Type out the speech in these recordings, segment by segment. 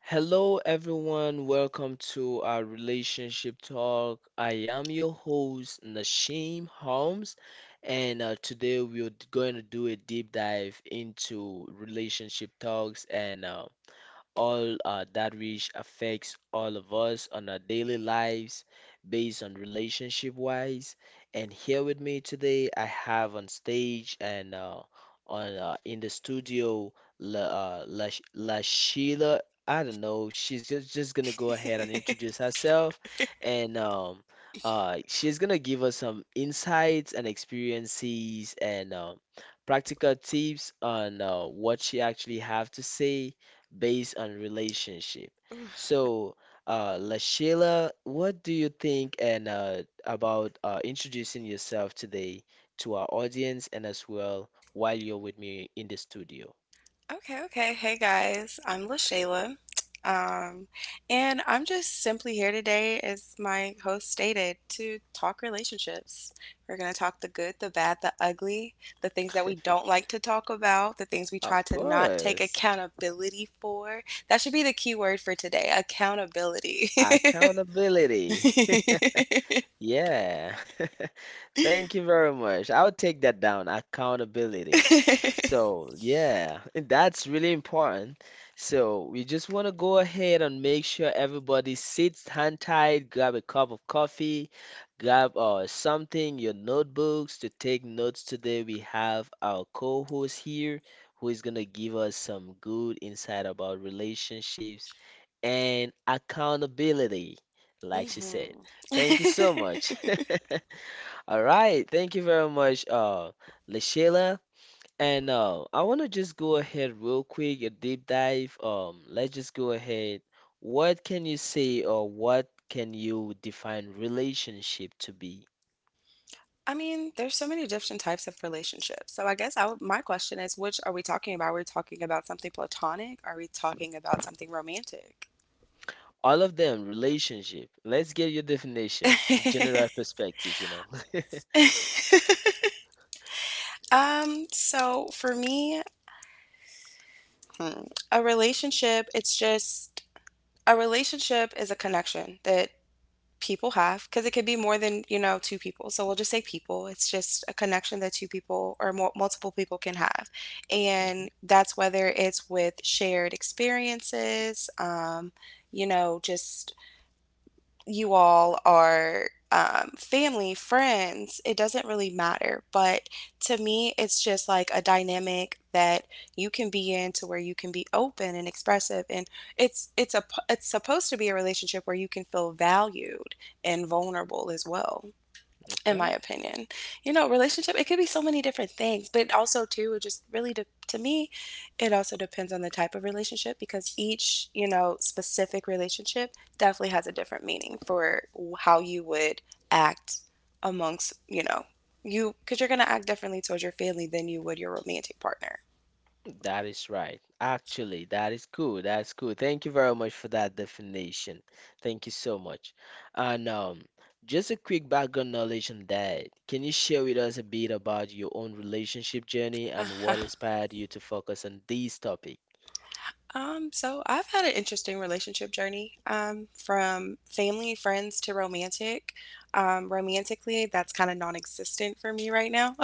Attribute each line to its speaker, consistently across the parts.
Speaker 1: Hello, everyone. Welcome to our relationship talk. I am your host, Nashim Holmes, and today we're going to do a deep dive into relationship talks and all that which affects all of us on our daily lives based on relationship wise. And here with me today, I have on stage and on in the studio, La, uh, La, La Sheila. I don't know. She's just gonna go ahead and introduce herself, and she's gonna give us some insights and experiences and practical tips on what she actually have to say based on relationship. So, LaShayla, what do you think and about introducing yourself today to our audience and as well while you're with me in the studio?
Speaker 2: Okay, okay. Hey guys, I'm LaShayla. Um, and I'm just simply here today, as my host stated, to talk relationships. We're going to talk the good, the bad, the ugly, the things that we don't like to talk about, the things we try
Speaker 1: Of
Speaker 2: to not take
Speaker 1: course,
Speaker 2: accountability for. That should be the key word for today, accountability.
Speaker 1: accountability. Yeah. Thank you very much. I'll take that down. Accountability. So, yeah, that's really important. So, we just want to go ahead and make sure everybody sits hand tight, grab a cup of coffee, grab something, your notebooks to take notes today. We have our co-host here who is going to give us some good insight about relationships and accountability, like she
Speaker 2: hmm
Speaker 1: said. Thank you so much. All right, thank you very much, Lashila. And I want to just go ahead real quick, a deep dive. Let's just go ahead. What can you say, or what can you define relationship to be?
Speaker 2: I mean, there's so many different types of relationships. So I guess I would, my question is, which are we talking about? We're talking about something platonic? Are we talking about something romantic?
Speaker 1: All of them, relationship. Let's get your definition, your general perspective, you know.
Speaker 2: So for me, hmm, a relationship, it's just a relationship is a connection that people have because it could be more than you know two people, so we'll just say people. It's just a connection that two people or more, multiple people can have,
Speaker 1: Mhm.
Speaker 2: and that's whether it's with shared experiences you know just You all are family, friends, it doesn't really matter. But to me, it's just like a dynamic that you can be in to where you can be open and expressive, and it's supposed to be a relationship where you can feel valued and vulnerable as well, in my
Speaker 1: Okay.
Speaker 2: opinion. You know, relationship, it could be so many different things, but also too, it just really to me, it also depends on the type of relationship, because each, you know, specific relationship definitely has a different meaning for how you would act amongst, you know, you, because you're going to act differently towards your family than you would your romantic partner.
Speaker 1: That is right. Actually, that is cool. That's cool. Thank you very much for that definition. Thank you so much. And just a quick background knowledge on that. Can you share with us a bit about your own relationship journey and what inspired you to focus on this topic?
Speaker 2: So I've had an interesting relationship journey, from family, friends to romantic. Romantically, that's kind of non-existent for me right now.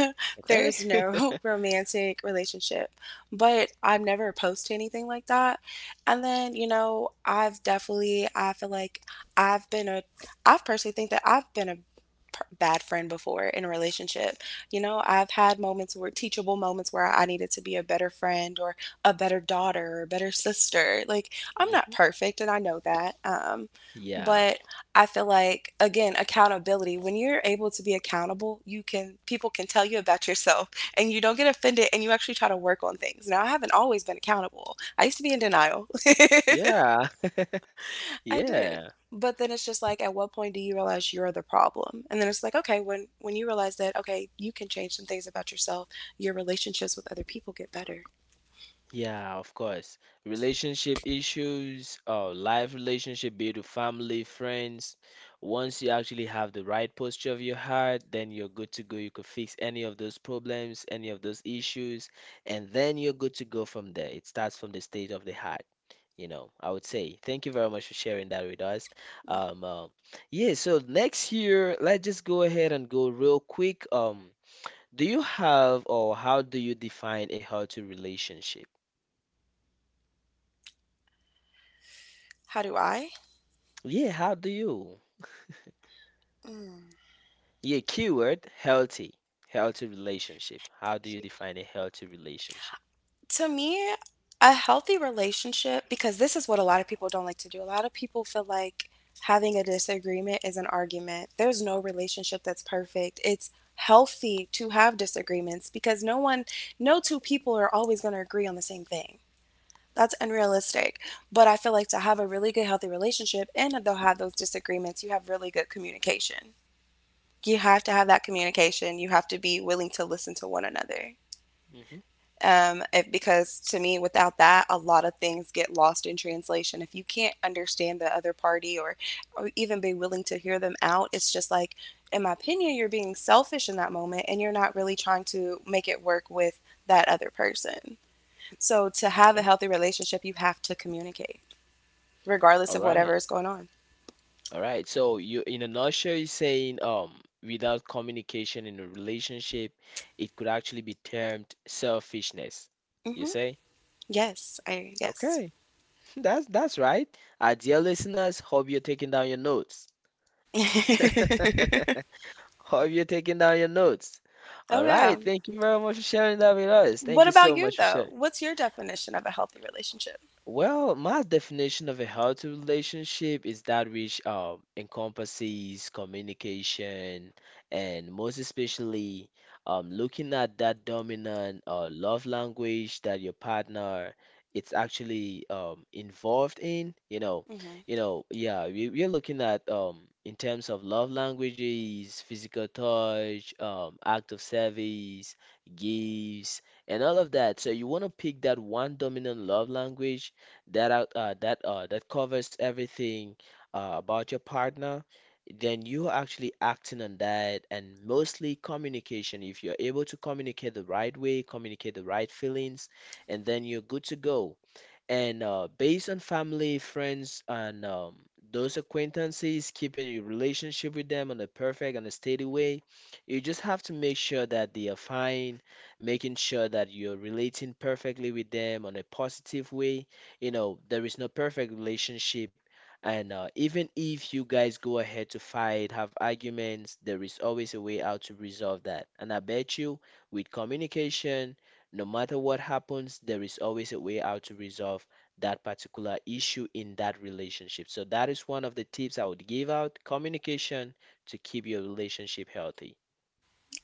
Speaker 1: Okay.
Speaker 2: There's no romantic relationship, but I'm never opposed to anything like that. And then, you know, I've definitely, I feel like I've been a, I personally think that I've been a bad friend before in a relationship. You know, I've had moments where teachable moments where I needed to be a better friend or a better daughter or a better sister. Like, I'm not
Speaker 1: Mhm.
Speaker 2: perfect and I know that. Um,
Speaker 1: Yeah.
Speaker 2: but I feel like, again, accountability, when you're able to be accountable, you can, people can tell you about yourself and you don't get offended and you actually try to work on things. Now, I haven't always been accountable. I used to be in denial.
Speaker 1: Yeah.
Speaker 2: I did.
Speaker 1: Yeah.
Speaker 2: But then it's just like, at what point do you realize you're the problem? And then it's like, okay, when you realize that, okay, you can change some things about yourself, your relationships with other people get better.
Speaker 1: Yeah, of course. Relationship issues, life relationship, be it with family, friends. Once you actually have the right posture of your heart, then you're good to go. You could fix any of those problems, any of those issues, and then you're good to go from there. It starts from the state of the heart, you know, I would say. Thank you very much for sharing that with us. Um, uh, yeah, so next year, let's just go ahead and go real quick. Do you have or how do you define a healthy relationship?
Speaker 2: How do I?
Speaker 1: Yeah, how do you?
Speaker 2: Mm.
Speaker 1: Yeah, keyword healthy, healthy relationship. How do you define a healthy relationship?
Speaker 2: To me, a healthy relationship, because this is what a lot of people don't like to do. A lot of people feel like having a disagreement is an argument. There's no relationship that's perfect. It's healthy to have disagreements because no two people are always going to agree on the same thing. That's unrealistic. But I feel like to have a really good, healthy relationship and they'll have those disagreements, you have really good communication. You have to have that communication. You have to be willing to listen to one another,
Speaker 1: Hmm.
Speaker 2: if, because to me, without that, a lot of things get lost in translation. If you can't understand the other party, or even be willing to hear them out, it's just like, in my opinion, you're being selfish in that moment and you're not really trying to make it work with that other person. So, to have a
Speaker 1: Okay.
Speaker 2: healthy relationship, you have to communicate, regardless
Speaker 1: All
Speaker 2: of whatever
Speaker 1: right.
Speaker 2: is going on.
Speaker 1: All right. So you, in a nutshell, you're saying without communication in a relationship, it could actually be termed selfishness. You
Speaker 2: Hmm
Speaker 1: say?
Speaker 2: Yes, I, yes.
Speaker 1: Okay. That's right. Our dear listeners, hope you're taking down your notes. Hope you're taking down your notes.
Speaker 2: Oh,
Speaker 1: All
Speaker 2: yeah.
Speaker 1: right. Thank you very much for sharing that with us. Thank
Speaker 2: What
Speaker 1: you
Speaker 2: about
Speaker 1: so
Speaker 2: you,
Speaker 1: much for
Speaker 2: though?
Speaker 1: sharing.
Speaker 2: What's your definition of a healthy relationship?
Speaker 1: Well, my definition of a healthy relationship is that which encompasses communication and most especially looking at that dominant love language that your partner it's actually involved in.
Speaker 2: Hmm
Speaker 1: You know, yeah, we're looking at in terms of love languages, physical touch, act of service, gifts, and all of that. So you want to pick that one dominant love language that out that that covers everything about your partner, then you're actually acting on that and mostly communication. If you're able to communicate the right way, communicate the right feelings, and then you're good to go. And based on family, friends, and those acquaintances, keeping your relationship with them on a perfect and a steady way, you just have to make sure that they are fine, making sure that you're relating perfectly with them on a positive way. You know, there is no perfect relationship. And even if you guys go ahead to fight, have arguments, there is always a way out to resolve that. And I bet you, with communication, no matter what happens, there is always a way out to resolve that particular issue in that relationship. So that is one of the tips I would give out, communication to keep your relationship healthy.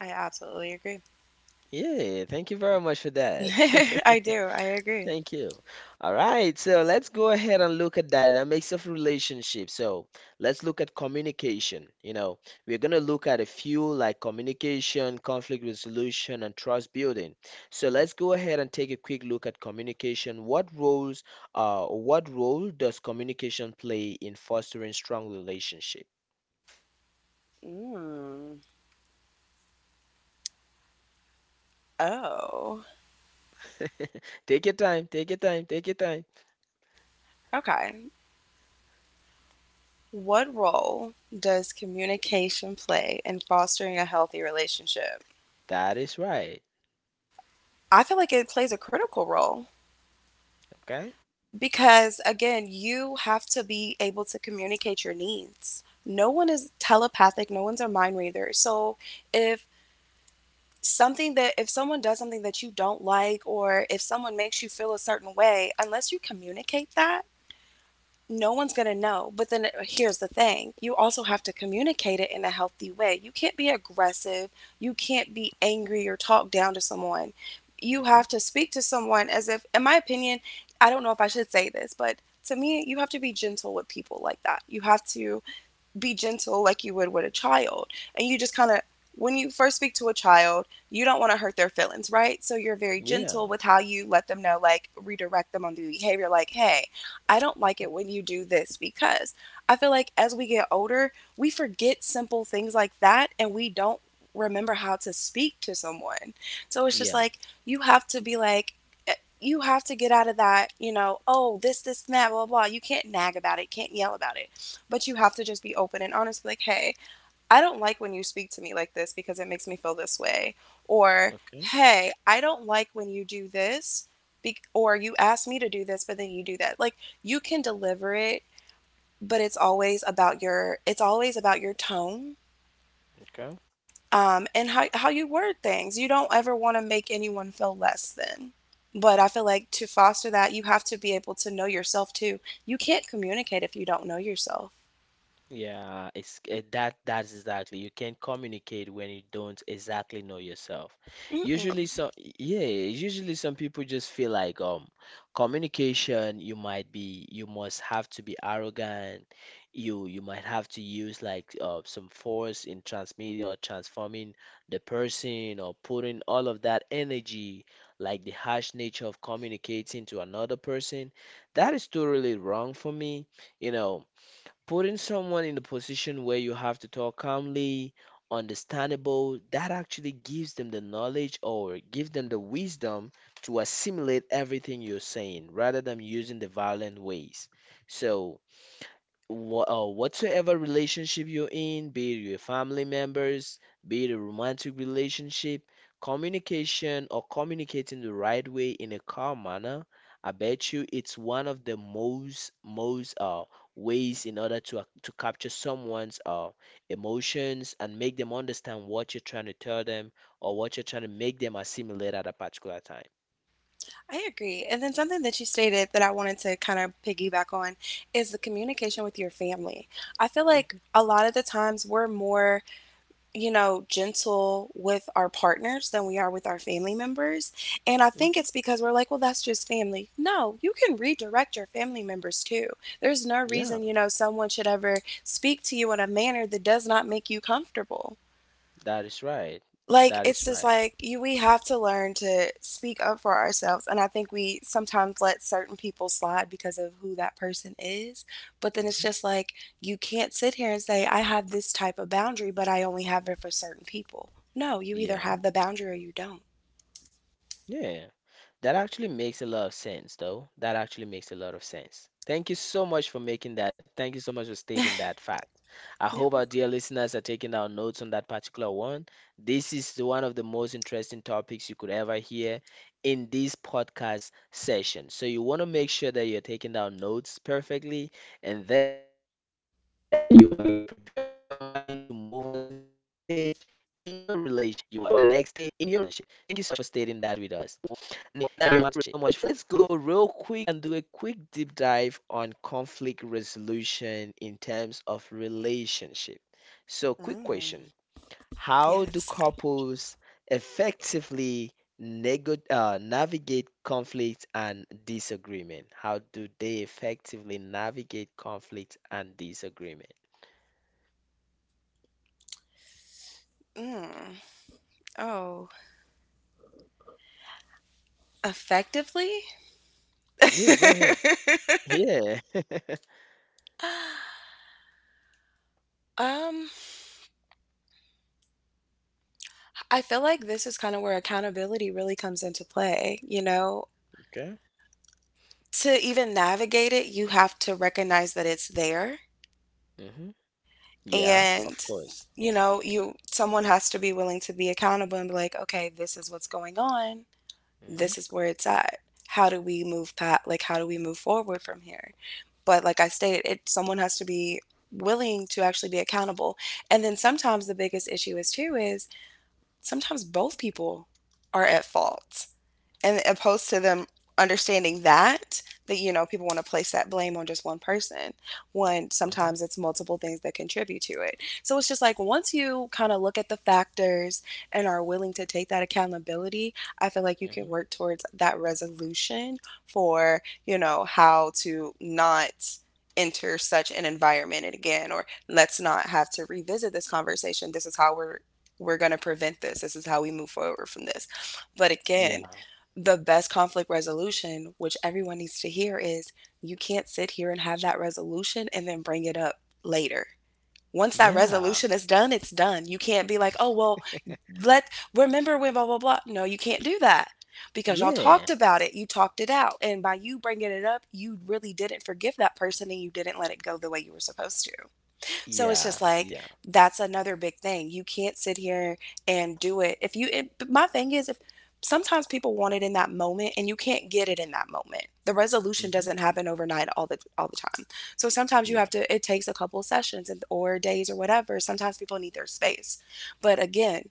Speaker 2: I absolutely agree.
Speaker 1: Yeah, thank you very much for that.
Speaker 2: I do. I agree.
Speaker 1: Thank you. All right, so let's go ahead and look at dynamics of relationships. So let's look at communication. You know, we're going to look at a few like communication, conflict resolution, and trust building. So let's go ahead and take a quick look at communication. What role does communication play in fostering strong relationship?
Speaker 2: Mm. Oh,
Speaker 1: Take your time, take your time, take your time.
Speaker 2: okay. What role does communication play in fostering a healthy relationship?
Speaker 1: That is right.
Speaker 2: I feel like it plays a critical role
Speaker 1: Okay.
Speaker 2: because, again, you have to be able to communicate your needs. No one is telepathic, no one's a mind reader. So if if someone does something that you don't like, or if someone makes you feel a certain way, unless you communicate that, no one's going to know. But then here's the thing, you also have to communicate it in a healthy way. You can't be aggressive, you can't be angry or talk down to someone. You
Speaker 1: Hmm.
Speaker 2: have to speak to someone as if, in my opinion, I don't know if I should say this, but to me, you have to be gentle with people like that. You have to be gentle like you would with a child. And you just when you first speak to a child, you don't want to hurt their feelings, right? So you're very
Speaker 1: Yeah.
Speaker 2: gentle with how you let them know, like redirect them on the behavior, like, hey, I don't like it when you do this, because I feel like as we get older, we forget simple things like that and we don't remember how to speak to someone. So it's just
Speaker 1: Yeah.
Speaker 2: like, you have to be like, you have to get out of that, you know, oh, and that, blah, blah, blah. You can't nag about it, can't yell about it, but you have to just be open and honest. Be like, hey, I don't like when you speak to me like this because it makes me feel this way. Or,
Speaker 1: Okay.
Speaker 2: hey, I don't like when you do this, or you ask me to do this, but then you do that. Like, you can deliver it, but it's always about your tone
Speaker 1: Okay.
Speaker 2: and how you word things. You don't ever want to make anyone feel less than. But I feel like to foster that, you have to be able to know yourself too. You can't communicate if you don't know yourself.
Speaker 1: Yeah, that that's exactly. You can communicate when you don't exactly know yourself.
Speaker 2: Mm-mm.
Speaker 1: Usually some yeah, usually some people just feel like communication you might be you must have to be arrogant. You might have to use like some force in transmitting or transforming the person or putting all of that energy like the harsh nature of communicating to another person. That is totally wrong for me, you know putting someone in the position where you have to talk calmly, understandable, that actually gives them the knowledge or give them the wisdom to assimilate everything you're saying rather than using the violent ways. So whatsoever relationship you're in, be it your family members, be it a romantic relationship, communication or communicating the right way in a calm manner, I bet you it's one of the most ways in order to to capture someone's emotions and make them understand what you're trying to tell them or what you're trying to make them assimilate at a particular time.
Speaker 2: I agree. And then something that you stated that I wanted to kind of piggyback on is the communication with your family. I feel like
Speaker 1: Hmm.
Speaker 2: a lot of the times we're more, you know, gentle with our partners than we are with our family members. And I think
Speaker 1: Hmm.
Speaker 2: it's because we're like, well, that's just family. No, you can redirect your family members too. There's no
Speaker 1: Yeah,
Speaker 2: reason, you know, someone should ever speak to you in a manner that does not make you comfortable.
Speaker 1: that is right.
Speaker 2: Like,
Speaker 1: That
Speaker 2: it's
Speaker 1: is
Speaker 2: just
Speaker 1: right.
Speaker 2: like you we have to learn to speak up for ourselves. And I think we sometimes let certain people slide because of who that person is. But then it's
Speaker 1: Hmm.
Speaker 2: just like you can't sit here and say, I have this type of boundary, but I only have it for certain people. No, you either
Speaker 1: Yeah.
Speaker 2: have the boundary or you don't.
Speaker 1: Yeah, that actually makes a lot of sense, though. That actually makes a lot of sense. Thank you so much for making that. Thank you so much for stating that fact. I
Speaker 2: Yeah.
Speaker 1: hope our
Speaker 2: Welcome.
Speaker 1: dear listeners are taking down notes on that particular one. This is one of the most interesting topics you could ever hear in this podcast session. So you want to make sure that you're taking down notes perfectly, and then you are you're preparing your mind to move on to the next stage in your relationship. Thank you so much for stating that with us. Now let's go real quick and do a quick deep dive on conflict resolution in terms of relationship. So, quick question.
Speaker 2: Mm,
Speaker 1: How do
Speaker 2: yes.
Speaker 1: couples effectively nego navigate conflict and disagreement? How do they effectively navigate conflict and disagreement?
Speaker 2: Mm. Oh, effectively?
Speaker 1: Yeah, go ahead. Yeah.
Speaker 2: Um, I feel like this is kind of where accountability really comes into play, you know?
Speaker 1: Okay.
Speaker 2: To even navigate it, you have to recognize that it's there,
Speaker 1: Hmm. Yeah,
Speaker 2: and
Speaker 1: of course.
Speaker 2: you know, you someone has to be willing to be accountable and be like, "Okay, this is what's going on. This
Speaker 1: Hmm.
Speaker 2: is where it's at. How do we move forward from here?" But like I stated, it someone has to be willing to actually be accountable. And then sometimes the biggest issue is too is sometimes both people are at fault, and opposed to them understanding that, that you know, people want to place that blame on just one person when
Speaker 1: Hmm.
Speaker 2: sometimes it's multiple things that contribute to it. So it's just like, once you kind of look at the factors and are willing to take that accountability, I feel like you can
Speaker 1: Hmm.
Speaker 2: work towards that resolution for, you know, how to not enter such an environment again, or let's not have to revisit this conversation. This is how we're going to prevent this, this is how we move forward from this. But
Speaker 1: Yeah.
Speaker 2: again, the best conflict resolution, which everyone needs to hear, is you can't sit here and have that resolution and then bring it up later. Once that
Speaker 1: Yeah.
Speaker 2: resolution is done, it's done. You can't be like, oh, well, remember when blah, blah, blah. No, you can't do that, because y'all talked
Speaker 1: Yeah,
Speaker 2: about it. You talked it out. And by you bringing it up, you really didn't forgive that person and you didn't let it go the way you were supposed to. So it's
Speaker 1: yeah,
Speaker 2: just like
Speaker 1: yeah,
Speaker 2: that's another big thing. You can't sit here and do it. If you, it, but my thing is, if sometimes people want it in that moment and you can't get it in that moment, the resolution
Speaker 1: hmm,
Speaker 2: doesn't happen overnight all the time. So sometimes you have
Speaker 1: yeah.
Speaker 2: to. It takes a couple of sessions and, or days or whatever. Sometimes people need their space. But again,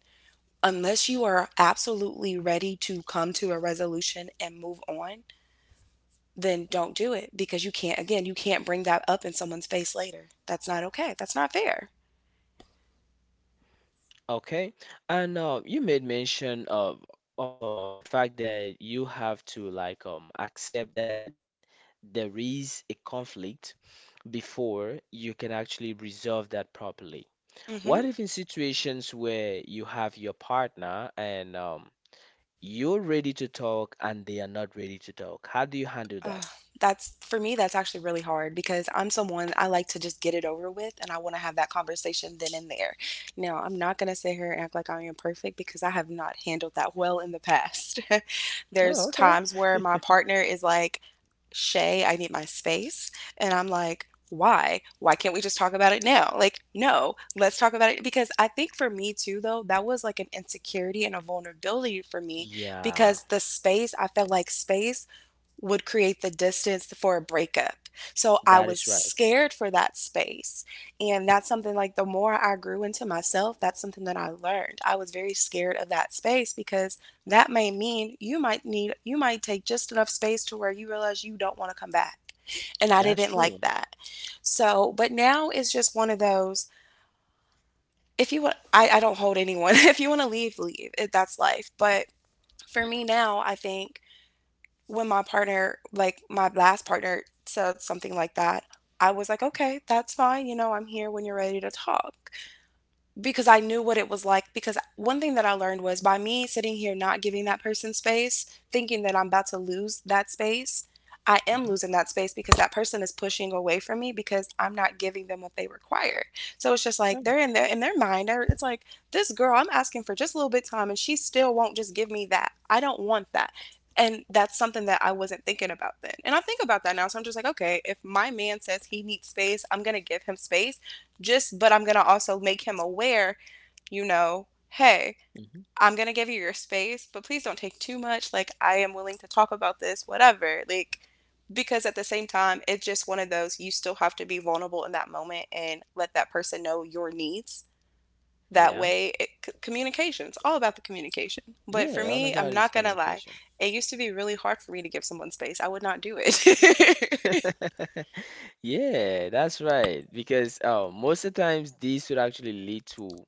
Speaker 2: unless you are absolutely ready to come to a resolution and move on, then don't do it because you can't. Again, you can't bring that up in someone's face later. That's not okay. That's not fair.
Speaker 1: Okay, and you made mention of the fact that you have to like accept that there is a conflict before you can actually resolve that properly.
Speaker 2: Mm-hmm.
Speaker 1: What if in situations where you have your partner and you're ready to talk and they are not ready to talk? How do you handle that?
Speaker 2: Ugh, that's actually really hard because I'm someone, I like to just get it over with and I want to have that conversation then and there. Now, I'm not going to sit here and act like I am perfect because I have not handled that well in the past. There's
Speaker 1: Oh, okay.
Speaker 2: times where my partner is like, Shay, I need my space. And I'm like, why? Why can't we just talk about it now? Like, no, let's talk about it. Because I think for me too, though, that was like an insecurity and a vulnerability for me
Speaker 1: Yeah,
Speaker 2: because I felt like space would create the distance for a breakup. So I
Speaker 1: that
Speaker 2: was
Speaker 1: is right.
Speaker 2: scared for that space. And that's something, like, the more I grew into myself, that's something that I learned. I was very scared of that space because that may mean you might need, you might take just enough space to where you realize you don't want to come back. And I
Speaker 1: That's
Speaker 2: didn't like
Speaker 1: true.
Speaker 2: that. So, but now it's just one of those. If you want, I don't hold anyone. If you want to leave, leave. That's life. But for me now, I think when my partner, like my last partner, said something like that, I was like, okay, that's fine. You know, I'm here when you're ready to talk because I knew what it was like. Because one thing that I learned was, by me sitting here not giving that person space, thinking that I'm about to lose that space, I am
Speaker 1: Hmm.
Speaker 2: losing that space because that person is pushing away from me because I'm not giving them what they require. So it's just like they're in their mind. It's like, this girl, I'm asking for just a little bit of time, and she still won't just give me that. I don't want that. And that's something that I wasn't thinking about then. And I think about that now. So I'm just like, okay, if my man says he needs space, I'm going to give him space, just but I'm going to also make him aware, you know, hey,
Speaker 1: Hmm.
Speaker 2: I'm going to give you your space, but please don't take too much. Like, I am willing to talk about this, whatever. Like, because at the same time, it's just one of those, you still have to be vulnerable in that moment and let that person know your needs. That
Speaker 1: Yeah.
Speaker 2: way, communication, it's all about the communication. But for
Speaker 1: Yeah, all
Speaker 2: me, I'm
Speaker 1: about is
Speaker 2: not gonna lie,
Speaker 1: communication.
Speaker 2: it used to be really hard for me to give someone space. I would not do it.
Speaker 1: Yeah, that's right. Because most of the times these would actually lead to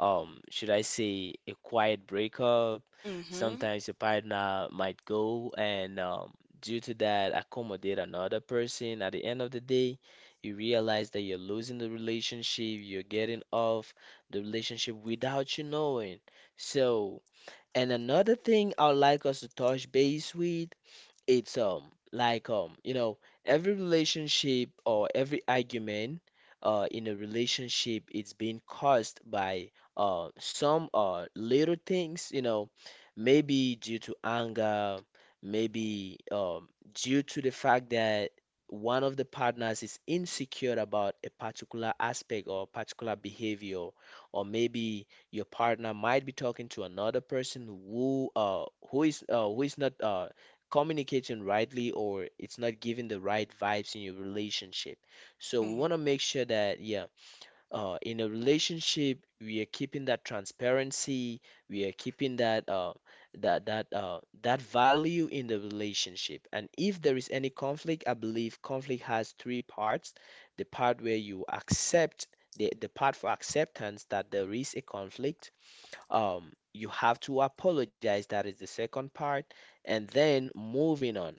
Speaker 1: should I say a quiet breakup.
Speaker 2: Mm-hmm.
Speaker 1: Sometimes your partner might go and due to that accommodate another person. At the end of the day, you realize that you're losing the relationship, you're getting off the relationship without you knowing. So, and another thing I would like us to touch base with it's like you know every relationship or every argument in a relationship it's being caused by some little things you know maybe due to anger maybe due to the fact that one of the partners is insecure about a particular aspect or particular behavior or maybe your partner might be talking to another person who is not communicating rightly or it's not giving the right vibes in your relationship. So we
Speaker 2: Mm-hmm.
Speaker 1: want to make sure that yeah, in a relationship we are keeping that transparency, we are keeping that value in the relationship. And if there is any conflict, I believe conflict has three parts. The part where you accept the part for acceptance that there is a conflict, you have to apologize. That is the second part. And then moving on.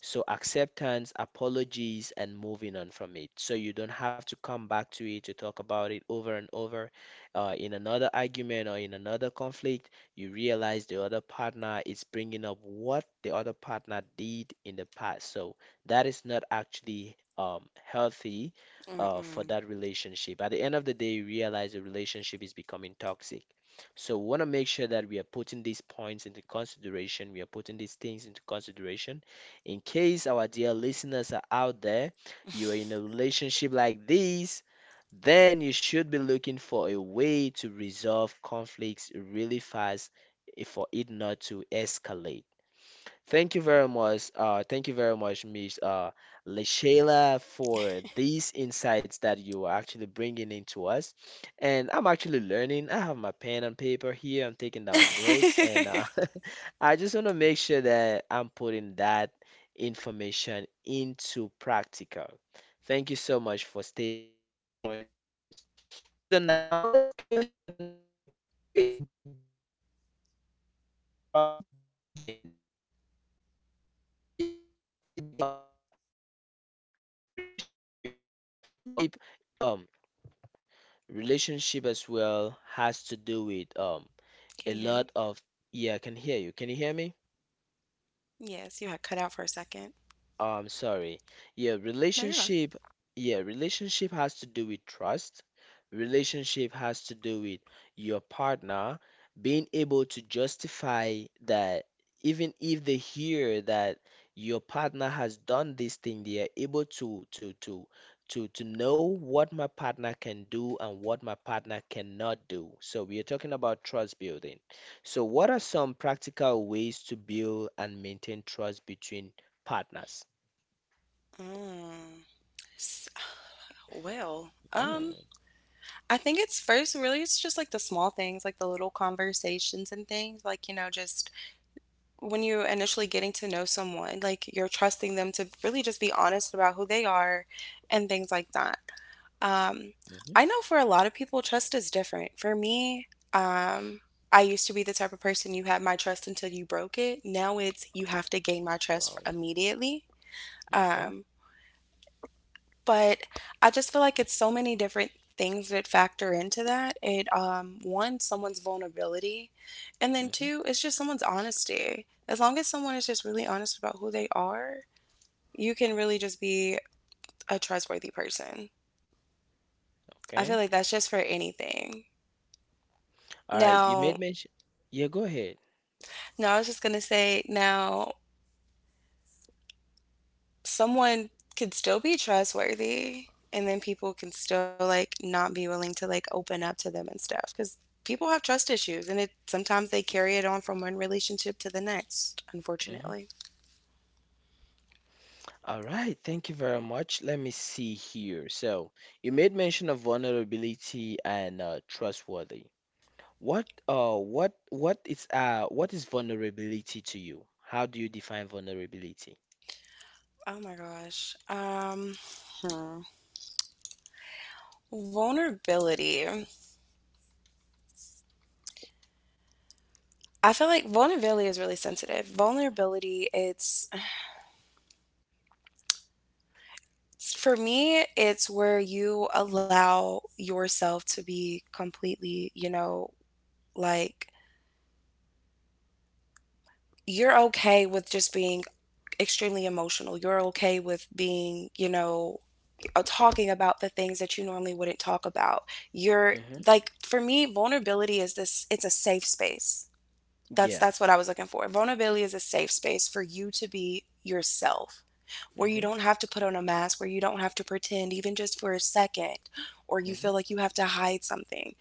Speaker 1: So acceptance, apologies, and moving on from it. So you don't have to come back to it to talk about it over and over. In another argument or in another conflict, you realize the other partner is bringing up what the other partner did in the past. So that is not actually healthy for
Speaker 2: Mm-mm.
Speaker 1: that relationship. At the end of the day, you realize the relationship is becoming toxic. So we want to make sure that we are putting these points into consideration. We are putting these things into consideration in case our dear listeners are out there, you are in a relationship like this, then you should be looking for a way to resolve conflicts really fast for it not to escalate. Thank you very much. Thank you very much, Miss Leshayla, for these insights that you are actually bringing into us. And I'm actually learning. I have my pen and paper here. I'm taking down notes, and I just want to make sure that I'm putting that information into practical. Thank you so much for stating these points to us. So now let's go ahead and do like a quick deep dive again into trust building. You know, relationship, um, relationship in a whole has to do with trust. Relationship as well has
Speaker 2: Can you
Speaker 1: to
Speaker 2: hear
Speaker 1: do
Speaker 2: me?
Speaker 1: with a lot of yeah, I can hear you. Can you hear me?
Speaker 2: Yes, you had cut out for a second.
Speaker 1: Sorry. Yeah,
Speaker 2: No, you're fine.
Speaker 1: relationship. Yeah, relationship has to do with trust. Relationship has to do with your partner being able to justify that even if they hear that your partner has done this thing, they are able to know what my partner can do and what my partner cannot do. So we are talking about trust building. So what are some practical ways to build and maintain trust between partners?
Speaker 2: Mm. S- Well,
Speaker 1: Mm-hmm.
Speaker 2: I think it's first really, it's just like the small things, like the little conversations and things, like, you know, just when you're initially getting to know someone, like you're trusting them to really just be honest about who they are and things like that. Um, I know for a lot of people, trust is different. For me, um, I used to be the type of person, you had my trust until you broke it. Now it's you have to gain my trust
Speaker 1: Wow.
Speaker 2: immediately.
Speaker 1: Okay.
Speaker 2: Um, But I just feel like it's so many different things that factor into that. It One, someone's vulnerability, and then
Speaker 1: Hmm.
Speaker 2: two, it's just someone's honesty. As long as someone is just really honest about who they are, you can really just be a trustworthy person. I feel
Speaker 1: Okay.
Speaker 2: like that's just for anything.
Speaker 1: All right. You made
Speaker 2: Now,
Speaker 1: mention. Yeah, go ahead.
Speaker 2: no, I was just gonna say, now someone could still be trustworthy and then people can still, like, not be willing to, like, open up to them and stuff because people have trust issues, and it, sometimes they carry it on from one relationship to the next,
Speaker 1: Mhm.
Speaker 2: unfortunately.
Speaker 1: All right. Thank you very much. Let me see here. So, you made mention of vulnerability and trustworthy. What is what is vulnerability to you? How do you define vulnerability?
Speaker 2: Oh my gosh, hmm. Vulnerability, I feel like vulnerability is really sensitive. For me, it's where you allow yourself to be completely, you know, like, you're okay with just being extremely emotional. You're okay with being, you know, talking about the things that you normally wouldn't talk about. You're
Speaker 1: Mm-hmm.
Speaker 2: Like, for me, vulnerability is this it's a safe space.
Speaker 1: Yeah.
Speaker 2: That's what I was looking for. Vulnerability is a safe space for you to be yourself. Where you
Speaker 1: Mm-hmm.
Speaker 2: don't have to put on a mask, where you don't have to pretend even just for a second or you
Speaker 1: Mm-hmm.
Speaker 2: feel like you have to hide something.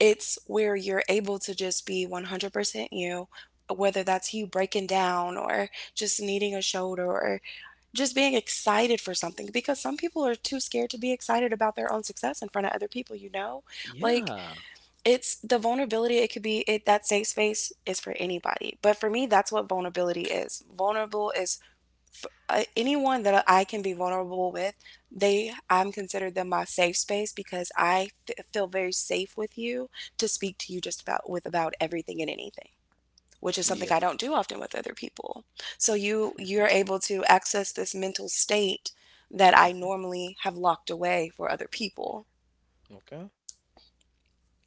Speaker 2: It's where you're able to just be 100% you, whether that's you breaking down or just needing a shoulder or just being excited for something, because some people are too scared to be excited about their own success in front of other people, you know. Like,
Speaker 1: Yeah.
Speaker 2: it's the vulnerability it could be it that safe space is for anybody, but for me, that's what vulnerability is. Vulnerable is Anyone that I can be vulnerable with, they I'm considered them my safe space because feel very safe with you to speak to you just about everything and anything, which is something
Speaker 1: Yeah.
Speaker 2: I don't do often with other people. So you, you're able to access this mental state that I
Speaker 1: Mm-hmm.
Speaker 2: normally have locked away for other people.
Speaker 1: Okay.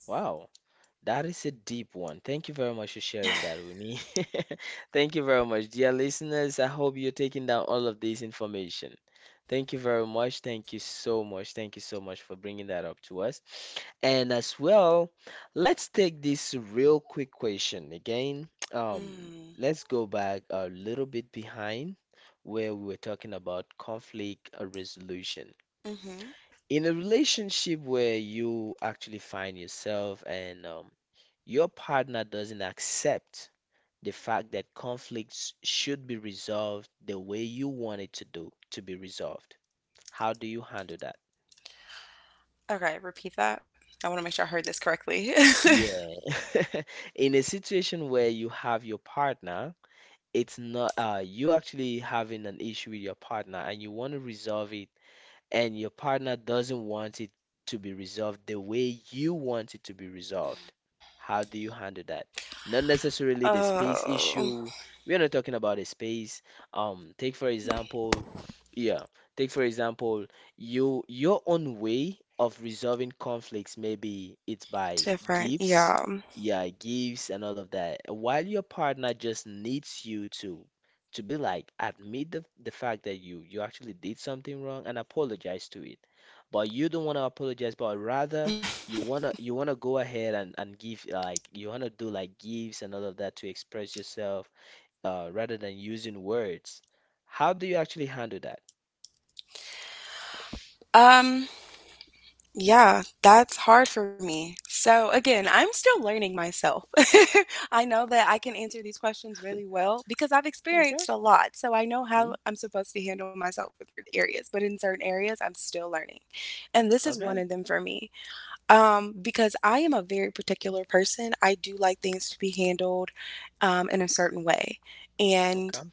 Speaker 1: Wow. That is a deep one. Thank you very much for sharing that with me. Thank you very much, dear listeners. I hope you're taking down all of this information. Thank you very much. Thank you so much. Thank you so much for bringing that up to us. And as well, let's take this real quick question again. Um,
Speaker 2: Mm.
Speaker 1: let's go back a little bit behind where we were talking about conflict resolution
Speaker 2: Mhm.
Speaker 1: in a relationship where you actually find yourself and your partner doesn't accept the fact that conflicts should be resolved the way you want it to do to be resolved, how do you handle that?
Speaker 2: Okay, repeat that. I want to make sure I heard this correctly.
Speaker 1: Yeah. In a situation where you have your partner, it's not you actually having an issue with your partner and you want to resolve it and your partner doesn't want it to be resolved the way you want it to be resolved, how do you handle that? Not necessarily the space
Speaker 2: Oh,
Speaker 1: issue. We are not talking about a space. Take for example, yeah, take for example, you your own way of resolving conflicts. Maybe it's by
Speaker 2: different.
Speaker 1: gifts,
Speaker 2: Yeah.
Speaker 1: yeah, gifts and all of that. While your partner just needs you to be like admit the fact that you actually did something wrong and apologize to it, but you don't want to apologize, but rather you want to go ahead and give, like, you want to do like gifts and all of that to express yourself rather than using words, how do you actually handle that?
Speaker 2: Um, yeah, that's hard for me. So again, I'm still learning myself. I know that I can answer these questions really well because I've
Speaker 1: Okay.
Speaker 2: experienced a lot. So I know how
Speaker 1: Mm,
Speaker 2: I'm supposed to handle myself in certain areas, but in certain areas, I'm still learning. And this is
Speaker 1: okay.
Speaker 2: one of them for me. Because I am a very particular person. I do like things to be handled, in a certain way. And
Speaker 1: Okay.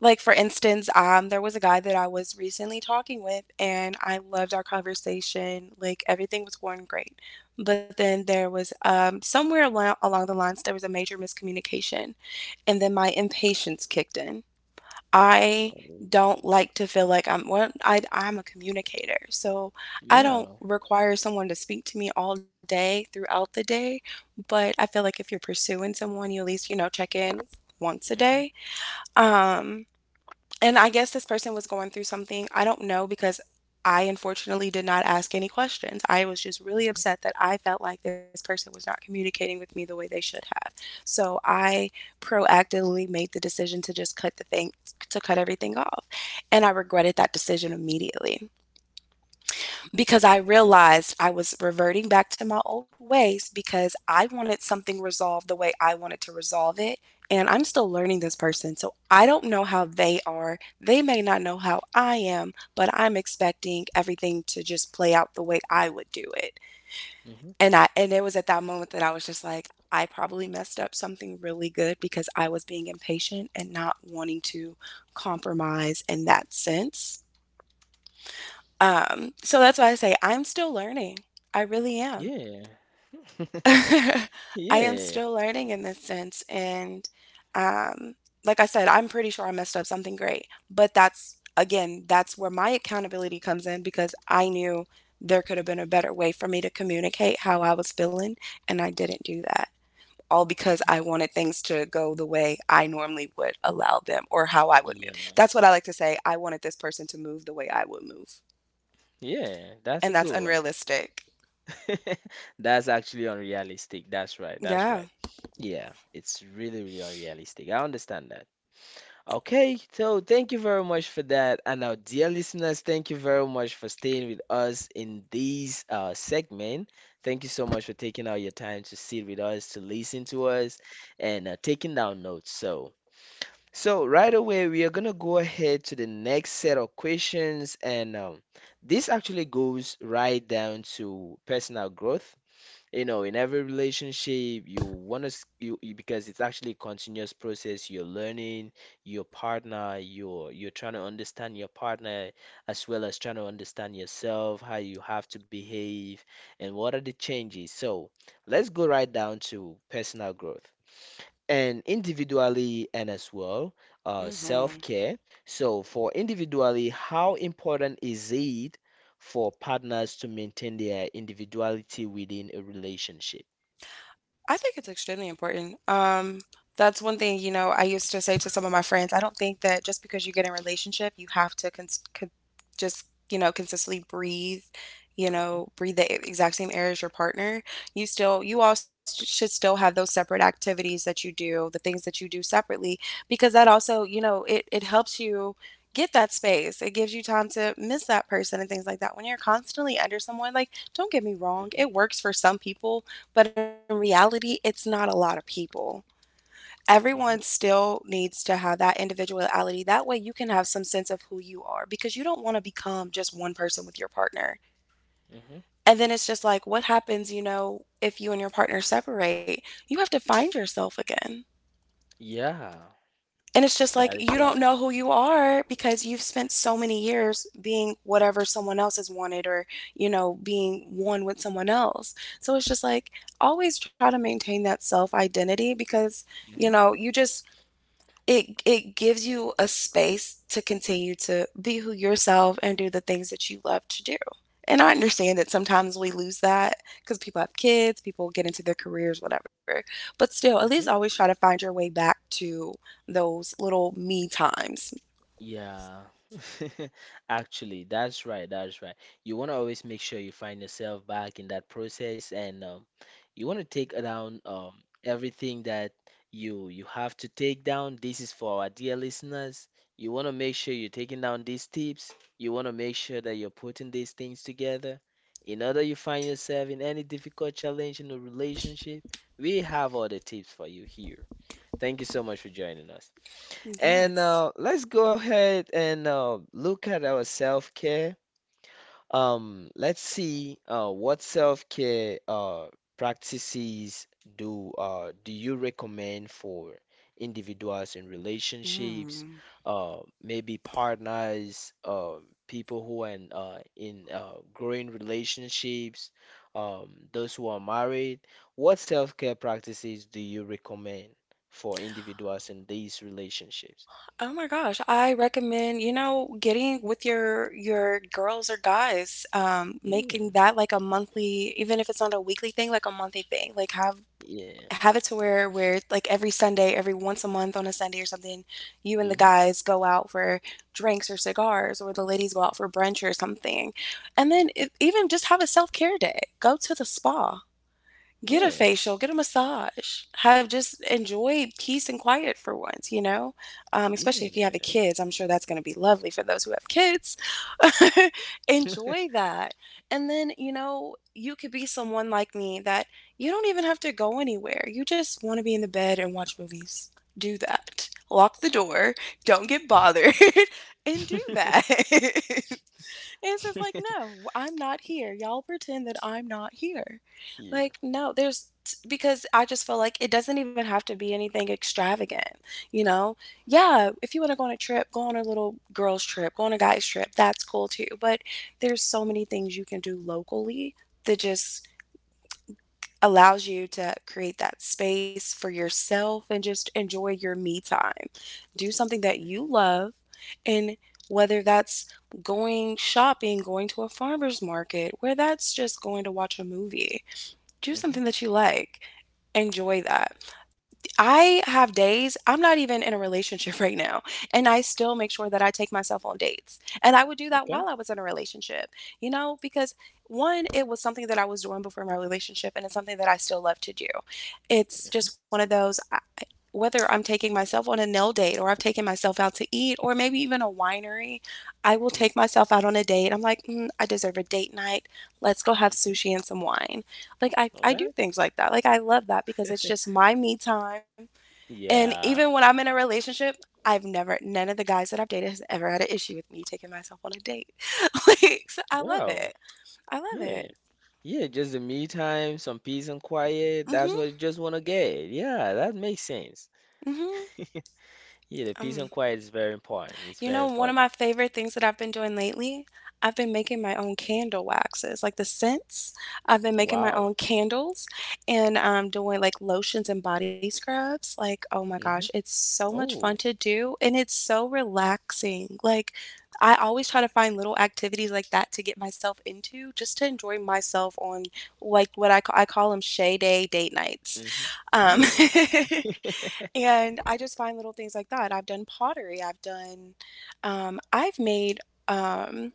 Speaker 2: like, for instance, there was a guy that I was recently talking with, and I loved our conversation. Like, everything was going great. But then there was, somewhere along the lines, there was a major miscommunication. And then my impatience kicked in. I don't
Speaker 1: Oh,
Speaker 2: like to feel like I'm a communicator. So I
Speaker 1: yeah.
Speaker 2: don't require someone to speak to me all day throughout the day. But I feel like if you're pursuing someone, you at least, you know, check in once a
Speaker 1: Hmm.
Speaker 2: day. Um, and I guess this person was going through something. I don't know, because I unfortunately did not ask any questions. I was just really upset that I felt like this person was not communicating with me the way they should have. So I proactively made the decision to just cut the thing to cut everything off. And I regretted that decision immediately because I realized I was reverting back to my old ways because I wanted something resolved the way I wanted to resolve it. And I'm still learning this person. So I don't know how they are. They may not know how I am, but I'm expecting everything to just play out the way I would do it.
Speaker 1: Hmm. Hmm.
Speaker 2: And it was at that moment that I was just like, I probably messed up something really good because I was being impatient and not wanting to compromise in that sense. So that's why I say I'm still learning. I really am.
Speaker 1: Yeah.
Speaker 2: I am
Speaker 1: Yeah.
Speaker 2: still learning in this sense. And, um, like I said, I'm pretty sure I messed up something great. But that's, again, that's where my accountability comes in because I knew there could have been a better way for me to communicate how I was feeling. And I didn't do that. All because
Speaker 1: Hmm.
Speaker 2: I wanted things to go the way I normally would allow them or how I would move.
Speaker 1: Yeah.
Speaker 2: That's what I like to say. I wanted this person to move the way I would move.
Speaker 1: Yeah, that's
Speaker 2: And
Speaker 1: a
Speaker 2: that's
Speaker 1: good one.
Speaker 2: unrealistic.
Speaker 1: That's actually unrealistic. That's right. That's
Speaker 2: Yeah.
Speaker 1: right. Yeah, it's really, really unrealistic. I understand that. Okay, so thank you very much for that. And our dear listeners, thank you very much for staying with us in this segment. Thank you so much for taking out your time to sit with us, to listen to us, and taking down notes. So, so right away, we are gonna go ahead to the next set of questions, and this actually goes right down to personal growth. You know, in every relationship you want to because it's actually a continuous process, you're learning your partner, you're trying to understand your partner as well as trying to understand yourself, how you have to behave and what are the changes. So let's go right down to personal growth and individually, and as well,
Speaker 2: Mhm.
Speaker 1: self-care. So for individually, how important is it for partners to maintain their individuality within a relationship?
Speaker 2: I think it's extremely important. That's one thing, you know, I used to say to some of my friends, I don't think that just because you get in a relationship, you have to just, you know, consistently breathe, you
Speaker 1: Hmm.
Speaker 2: know, breathe the exact same air as your partner. You all sh should still have those separate activities that you do, the things that you do separately, because that also, you know, it helps you get that space. It gives you time to miss that person and things like that. When you're constantly under someone, like, don't get me wrong,
Speaker 1: Hmm.
Speaker 2: it works for some people, but in reality, it's not a lot of people. Everyone
Speaker 1: Hmm.
Speaker 2: still needs to have that individuality. That way, you can have some sense of who you are because you don't want to become just one person with your partner.
Speaker 1: Hmm.
Speaker 2: And then it's just like, what happens, you know, if you and your partner separate? You have to find yourself again.
Speaker 1: Yeah,
Speaker 2: And it's just like
Speaker 1: that is
Speaker 2: you don't
Speaker 1: right.
Speaker 2: know who you are because you've spent so many years being whatever someone else has wanted or, you know, being one with someone else. So it's just like always try to maintain that self identity because, you
Speaker 1: Hmm.
Speaker 2: know, you just it gives you a space to continue to be who yourself and do the things that you love to do. And I understand that sometimes we lose that because people have kids, people get into their careers, whatever. But still, at least
Speaker 1: Hmm.
Speaker 2: always try to find your way back to those little me times.
Speaker 1: Yeah, actually, that's right. That's right. You want to always make sure you find yourself back in that process, and you want to take down everything that you have to take down. This is for our dear listeners. You want to make sure you're taking down these tips. You want to make sure that you're putting these things together. In order you find yourself in any difficult challenge in a relationship, we have all the tips for you here. Thank you so much for joining us. And
Speaker 2: Yes.
Speaker 1: let's go ahead and look at our self-care. Let's see what self-care practices do you recommend for individuals in relationships,
Speaker 2: Mm.
Speaker 1: uh, maybe partners, people who are in, growing relationships, those who are married. What self-care practices do you recommend for individuals in these relationships?
Speaker 2: Oh my gosh, I recommend, you know, getting with your girls or guys, making
Speaker 1: Yeah.
Speaker 2: that like a monthly, even if it's not a weekly thing, like a monthly thing. Like
Speaker 1: Mm-hmm.
Speaker 2: have it to where like every Sunday, every once a month on a Sunday or something, you and the
Speaker 1: Mm-hmm. Yeah.
Speaker 2: guys go out for drinks or cigars, or the ladies go out for brunch or something, and
Speaker 1: Mhm.
Speaker 2: then
Speaker 1: Mhm.
Speaker 2: if, even just have a self care day. Go to the spa. Get a
Speaker 1: Yeah.
Speaker 2: facial, get a massage, have just enjoy peace and quiet for once, you know? Especially if you have the
Speaker 1: Yeah.
Speaker 2: kids, I'm sure that's going to be lovely for those who have kids. enjoy that. And then, you know, you could be someone like me that you don't even have to go anywhere. You just want to be in the bed and watch movies. Do that. Lock the door, don't get bothered, and do that. It's just like, no, I'm not here. Y'all pretend that I'm not here.
Speaker 1: Here.
Speaker 2: Like, no, there's because I just feel like it doesn't even have to be anything extravagant, you know? Yeah, if you want to go on a trip, go on a little girls' trip, go on a guys' trip, that's cool too. But there's so many things you can do locally that just allows you to create that space for yourself and just enjoy your me time. Do something that you
Speaker 1: Mhm.
Speaker 2: love, and whether that's going shopping, going to a farmer's market, where that's just going to watch a movie, do
Speaker 1: Mhm.
Speaker 2: something that you like. Enjoy that. I have days I'm not even in a relationship right now, and I still make sure that I take myself on dates. And I would do that
Speaker 1: Okay.
Speaker 2: while I was in a relationship, you know, because one, it was something that I was doing before my relationship, and it's something that I still love to do. It's
Speaker 1: Mhm.
Speaker 2: just one of those. I- Whether I'm taking myself on a nail date or I've taken myself out to eat or maybe even a winery, I will take
Speaker 1: Mhm.
Speaker 2: myself out on a date. I'm like, mm, I deserve a date night. Let's go have
Speaker 1: Mhm.
Speaker 2: sushi and some wine. Like, I do
Speaker 1: Okay.
Speaker 2: things like that. Like, I love that because it's just my me time and
Speaker 1: Yeah.
Speaker 2: even when I'm in a relationship, I've never none of the guys that I've dated has ever had an issue with me taking myself on a date. like so I love
Speaker 1: Wow.
Speaker 2: it. I love
Speaker 1: Yeah.
Speaker 2: it.
Speaker 1: Yeah, just the me time, some peace and quiet. That's
Speaker 2: Mhm.
Speaker 1: what you just want to get. Yeah, that makes sense.
Speaker 2: Mhm.
Speaker 1: Yeah, the peace
Speaker 2: Um
Speaker 1: and quiet is very important. It's
Speaker 2: You
Speaker 1: very
Speaker 2: know, one of
Speaker 1: important.
Speaker 2: my favorite things that I've been doing lately, I've been making my own candle waxes, like the scents. I've been making my
Speaker 1: Wow.
Speaker 2: own candles and doing like lotions and body scrubs. Like, oh my gosh,
Speaker 1: Hmm.
Speaker 2: it's so much fun
Speaker 1: Oh.
Speaker 2: to do and it's so relaxing. Like, I always try to find little activities like that to get myself into just to enjoy myself on like what I, I call them shay day date nights.
Speaker 1: Hmm.
Speaker 2: Um,
Speaker 1: Yeah.
Speaker 2: And I just find little things like that. I've done pottery. I've done, I've made, um,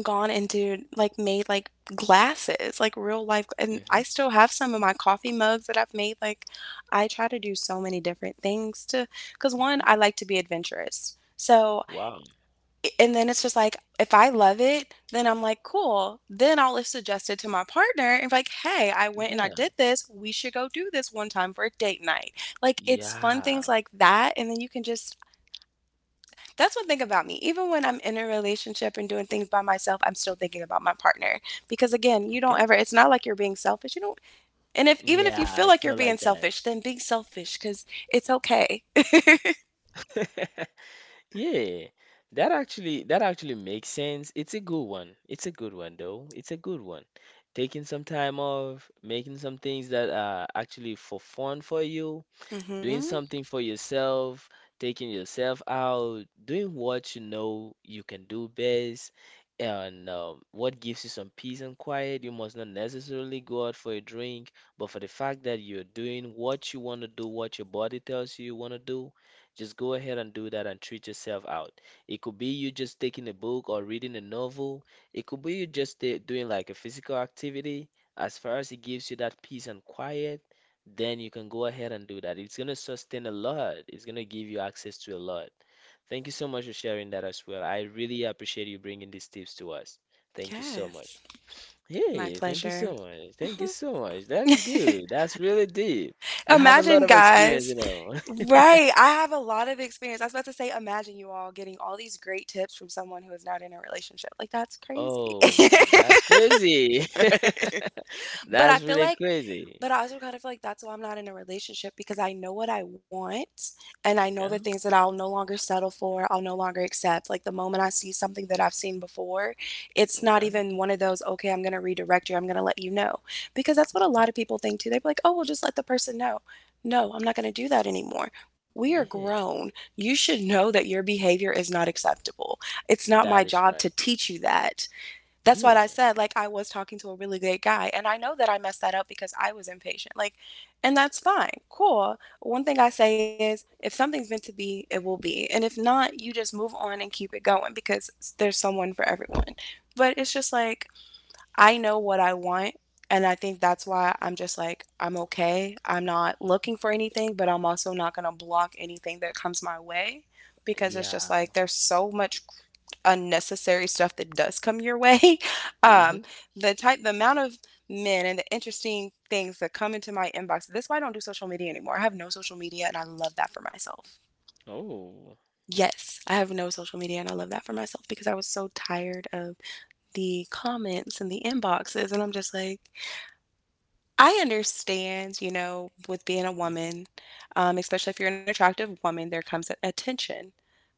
Speaker 2: gone into like made like glasses, like real life.
Speaker 1: Hmm.
Speaker 2: And I still have some of my coffee mugs that I've made. Like, I try to do so many different things to, because one, I like to be adventurous. So
Speaker 1: Wow.
Speaker 2: and then it's just like if I love it, then I'm like, cool. Then I'll suggest it to my partner and be like, hey, I went and I
Speaker 1: Yeah.
Speaker 2: did this. We should go do this one time for a date night. Like it's fun things
Speaker 1: Yeah.
Speaker 2: like that. And then you can just that's one thing about me. Even when I'm in a relationship and doing things by myself, I'm still thinking about my partner. Because again, you don't
Speaker 1: Okay.
Speaker 2: ever it's not like you're being selfish. You don't and if even if you
Speaker 1: Yeah,
Speaker 2: feel like
Speaker 1: it's
Speaker 2: you're
Speaker 1: not
Speaker 2: being
Speaker 1: like that.
Speaker 2: selfish, then be selfish because it's okay.
Speaker 1: Yeah, that actually makes sense. It's a good one. It's a good one though. It's a good one. Taking some time off, making some things that are actually for fun for you, doing
Speaker 2: Mm-hmm.
Speaker 1: something for yourself, taking yourself out, doing what you know you can do best, and what gives you some peace and quiet. You must not necessarily go out for a drink, but for the fact that you're doing what you want to do, what your body tells you you want to do, just go ahead and do that and treat yourself out. It could be you just taking a book or reading a novel. It could be you just doing like a physical activity. As far as it gives you that peace and quiet, then you can go ahead and do that. It's going to sustain a lot. It's going to give you access to a lot. Thank you so much for sharing that as well. I really appreciate you bringing these tips to us. Thank you so
Speaker 2: Yes.
Speaker 1: much.
Speaker 2: My
Speaker 1: Hey, thank you
Speaker 2: pleasure.
Speaker 1: so much. Thank you so much. That is good. That's really deep. You have a lot
Speaker 2: Imagine,
Speaker 1: of experience,
Speaker 2: guys,
Speaker 1: you know.
Speaker 2: right, I have a lot of experience. I was about to say, imagine you all getting all these great tips from someone who is not in a relationship. Like, that's crazy.
Speaker 1: Oh, that's crazy.
Speaker 2: Right. But I
Speaker 1: That's
Speaker 2: feel
Speaker 1: really
Speaker 2: like
Speaker 1: crazy.
Speaker 2: but I also kind of feel like that's why I'm not in a relationship because I know what I want and I know
Speaker 1: Okay.
Speaker 2: the things that I'll no longer settle for, I'll no longer accept. Like the moment I see something that I've seen before, it's not
Speaker 1: Okay.
Speaker 2: even one of those, okay, I'm going to redirect you, I'm going to let you know. Because that's what a
Speaker 1: Hmm.
Speaker 2: lot of people think too. They're like, oh, we'll just let the person know. No, I'm not going to do that anymore. We are
Speaker 1: Yeah.
Speaker 2: grown. You should know that your behavior is not acceptable. It's not my
Speaker 1: That is
Speaker 2: job to
Speaker 1: right.
Speaker 2: teach you that. That's what I
Speaker 1: Yeah.
Speaker 2: said. Like, I was talking to a really great guy, and I know that I messed that up because I was impatient. Like, and that's fine. Cool. One thing I say is if something's meant to be, it will be. And if not, you just move on and keep it going because there's someone for everyone. But it's just like, I know what I want. And I think that's why I'm just like, I'm okay. I'm not looking for anything, but I'm also not going to block anything that comes my way because it's just
Speaker 1: Yeah.
Speaker 2: like there's so much unnecessary stuff that does come your way. Um,
Speaker 1: Hmm.
Speaker 2: the type, the amount of men and the interesting things that come into my inbox. That's why I don't do social media anymore. I have no social media and I love that for myself.
Speaker 1: Oh.
Speaker 2: Yes, I have no social media and I love that for myself because I was so tired of the comments and the inboxes. And I'm just like, I understand, you know, with being a
Speaker 1: Mm-hmm.
Speaker 2: woman, especially if you're an attractive woman, there comes attention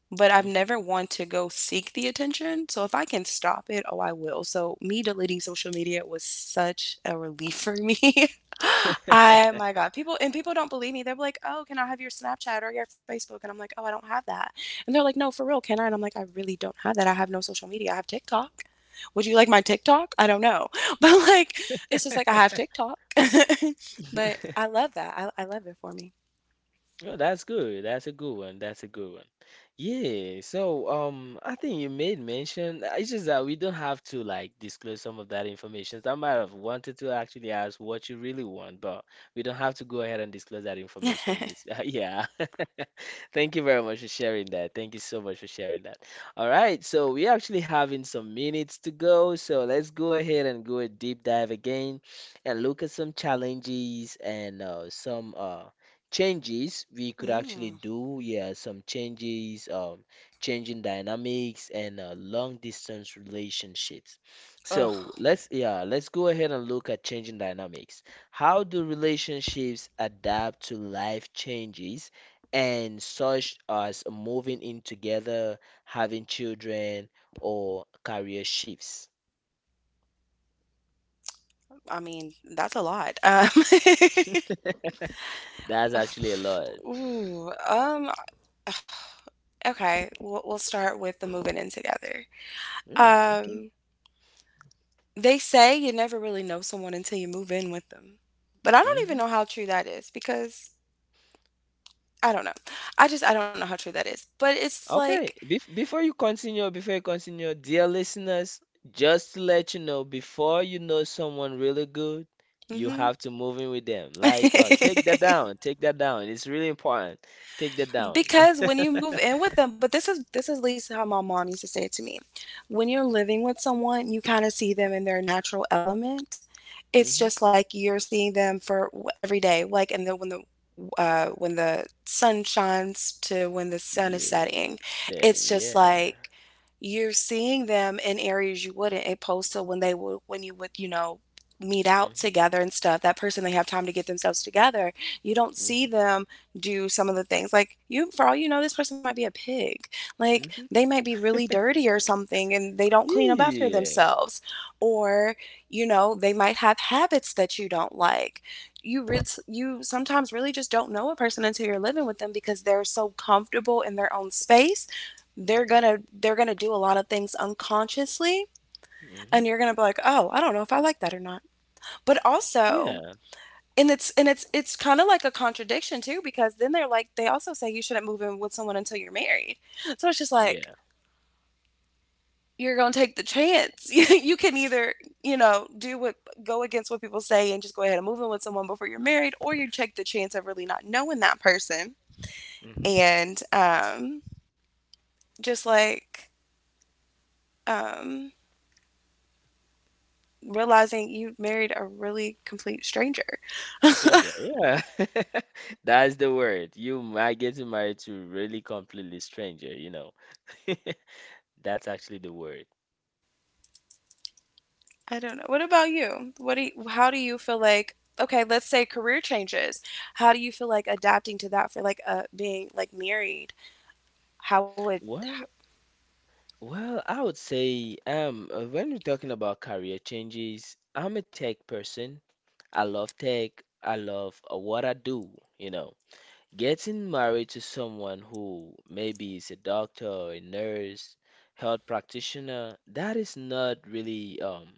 Speaker 2: but I've
Speaker 1: Mhm.
Speaker 2: never wanted to go seek the attention. So if I can stop it, oh, I will. So me deleting social media was such a relief for me. I my God, people and people don't believe me. They're like, "Oh, can I have your Snapchat or your Facebook?" And I'm like, "Oh, I don't have that." And they're like, "No, for real, can I?" And I'm like, "I really don't have that. I have no social media. I have TikTok." Would you like my TikTok? I don't know. But like it's just like I have TikTok. but I love that. I love it for me.
Speaker 1: Oh, that's good. That's a good one. That's a good one. Yeah. So, I think you made mention. It's just that we don't have to like disclose some of that information. I might have wanted to actually ask what you really want, but we don't have to go ahead and disclose that information in this. Yeah. Thank you very much for sharing that. Thank you so much for sharing that. All right. So we actually having some minutes to go. So let's go ahead and go a deep dive again and look at some challenges and some changes we could actually
Speaker 2: Mm.
Speaker 1: do, yeah, some changes, changing dynamics and long distance relationships.
Speaker 2: Ugh.
Speaker 1: So let's, yeah, let's go ahead and look at changing dynamics. How do relationships adapt to life changes and such as moving in together, having children, or career shifts?
Speaker 2: I mean, that's a lot.
Speaker 1: That's actually a lot.
Speaker 2: Ooh, okay, we'll start with the moving in together.
Speaker 1: Mm, okay.
Speaker 2: Um, they say you never really know someone until you move in with them. But I don't even
Speaker 1: Mm-hmm.
Speaker 2: know how true that is because I don't know. I just, I don't know how true that is. But it's like,
Speaker 1: Okay, before you continue, dear listeners, just to let you know, before you know someone really good, you
Speaker 2: hmm
Speaker 1: have to move in with them. Like, take that down, take that down. It's really important. Take that down.
Speaker 2: because when you move in with them but this is at least how my mom used to say it to me when you're living with someone you kind of see them in their natural element it's
Speaker 1: Hmm.
Speaker 2: just like you're seeing them for every day like and then when the sun shines to when the sun is
Speaker 1: Yeah,
Speaker 2: setting. It's
Speaker 1: setting.
Speaker 2: just
Speaker 1: Yeah.
Speaker 2: like you're seeing them in areas you wouldn't, opposed to when they would, when you would, you know, meet out
Speaker 1: Hmm.
Speaker 2: together and stuff. That person, they have time to get themselves together. You don't
Speaker 1: Hmm.
Speaker 2: see them do some of the things. Like, you, for all you know, this person might be a pig. Like,
Speaker 1: Hmm.
Speaker 2: they might be really dirty or something and they don't clean up after
Speaker 1: Yeah.
Speaker 2: themselves. Or, you know, they might have habits that you don't like you re- you sometimes really just don't know a person until you're living with them because they're so comfortable in their own space. they're
Speaker 1: Hmm.
Speaker 2: gonna they're gonna do a lot of things unconsciously,
Speaker 1: Hmm.
Speaker 2: and you're gonna be like, "Oh, I don't know if I like that or not." But also,
Speaker 1: Yeah.
Speaker 2: and it's kind of like a contradiction too, because then they're like they also say you shouldn't move in with someone until you're married. So it's just
Speaker 1: Yeah.
Speaker 2: like you're going to take the chance. You can either, you know, do what go against what people say and just go ahead and move in with someone before you're married, or you take the chance of really not knowing that person
Speaker 1: Hmm.
Speaker 2: and just like um, realizing you married a really complete stranger.
Speaker 1: Stranger. Yeah. That's the word. You might get married to really completely stranger, you know. That's actually the word.
Speaker 2: I don't know. What about you? How do you feel like? Okay, let's say career changes. How do you feel like adapting to that for like being like married? How would—
Speaker 1: Well, I would say when we're talking about career changes, I'm a tech person. I love tech. I love what I do, you know. Getting married to someone who maybe is a doctor or a nurse, health practitioner, that is not really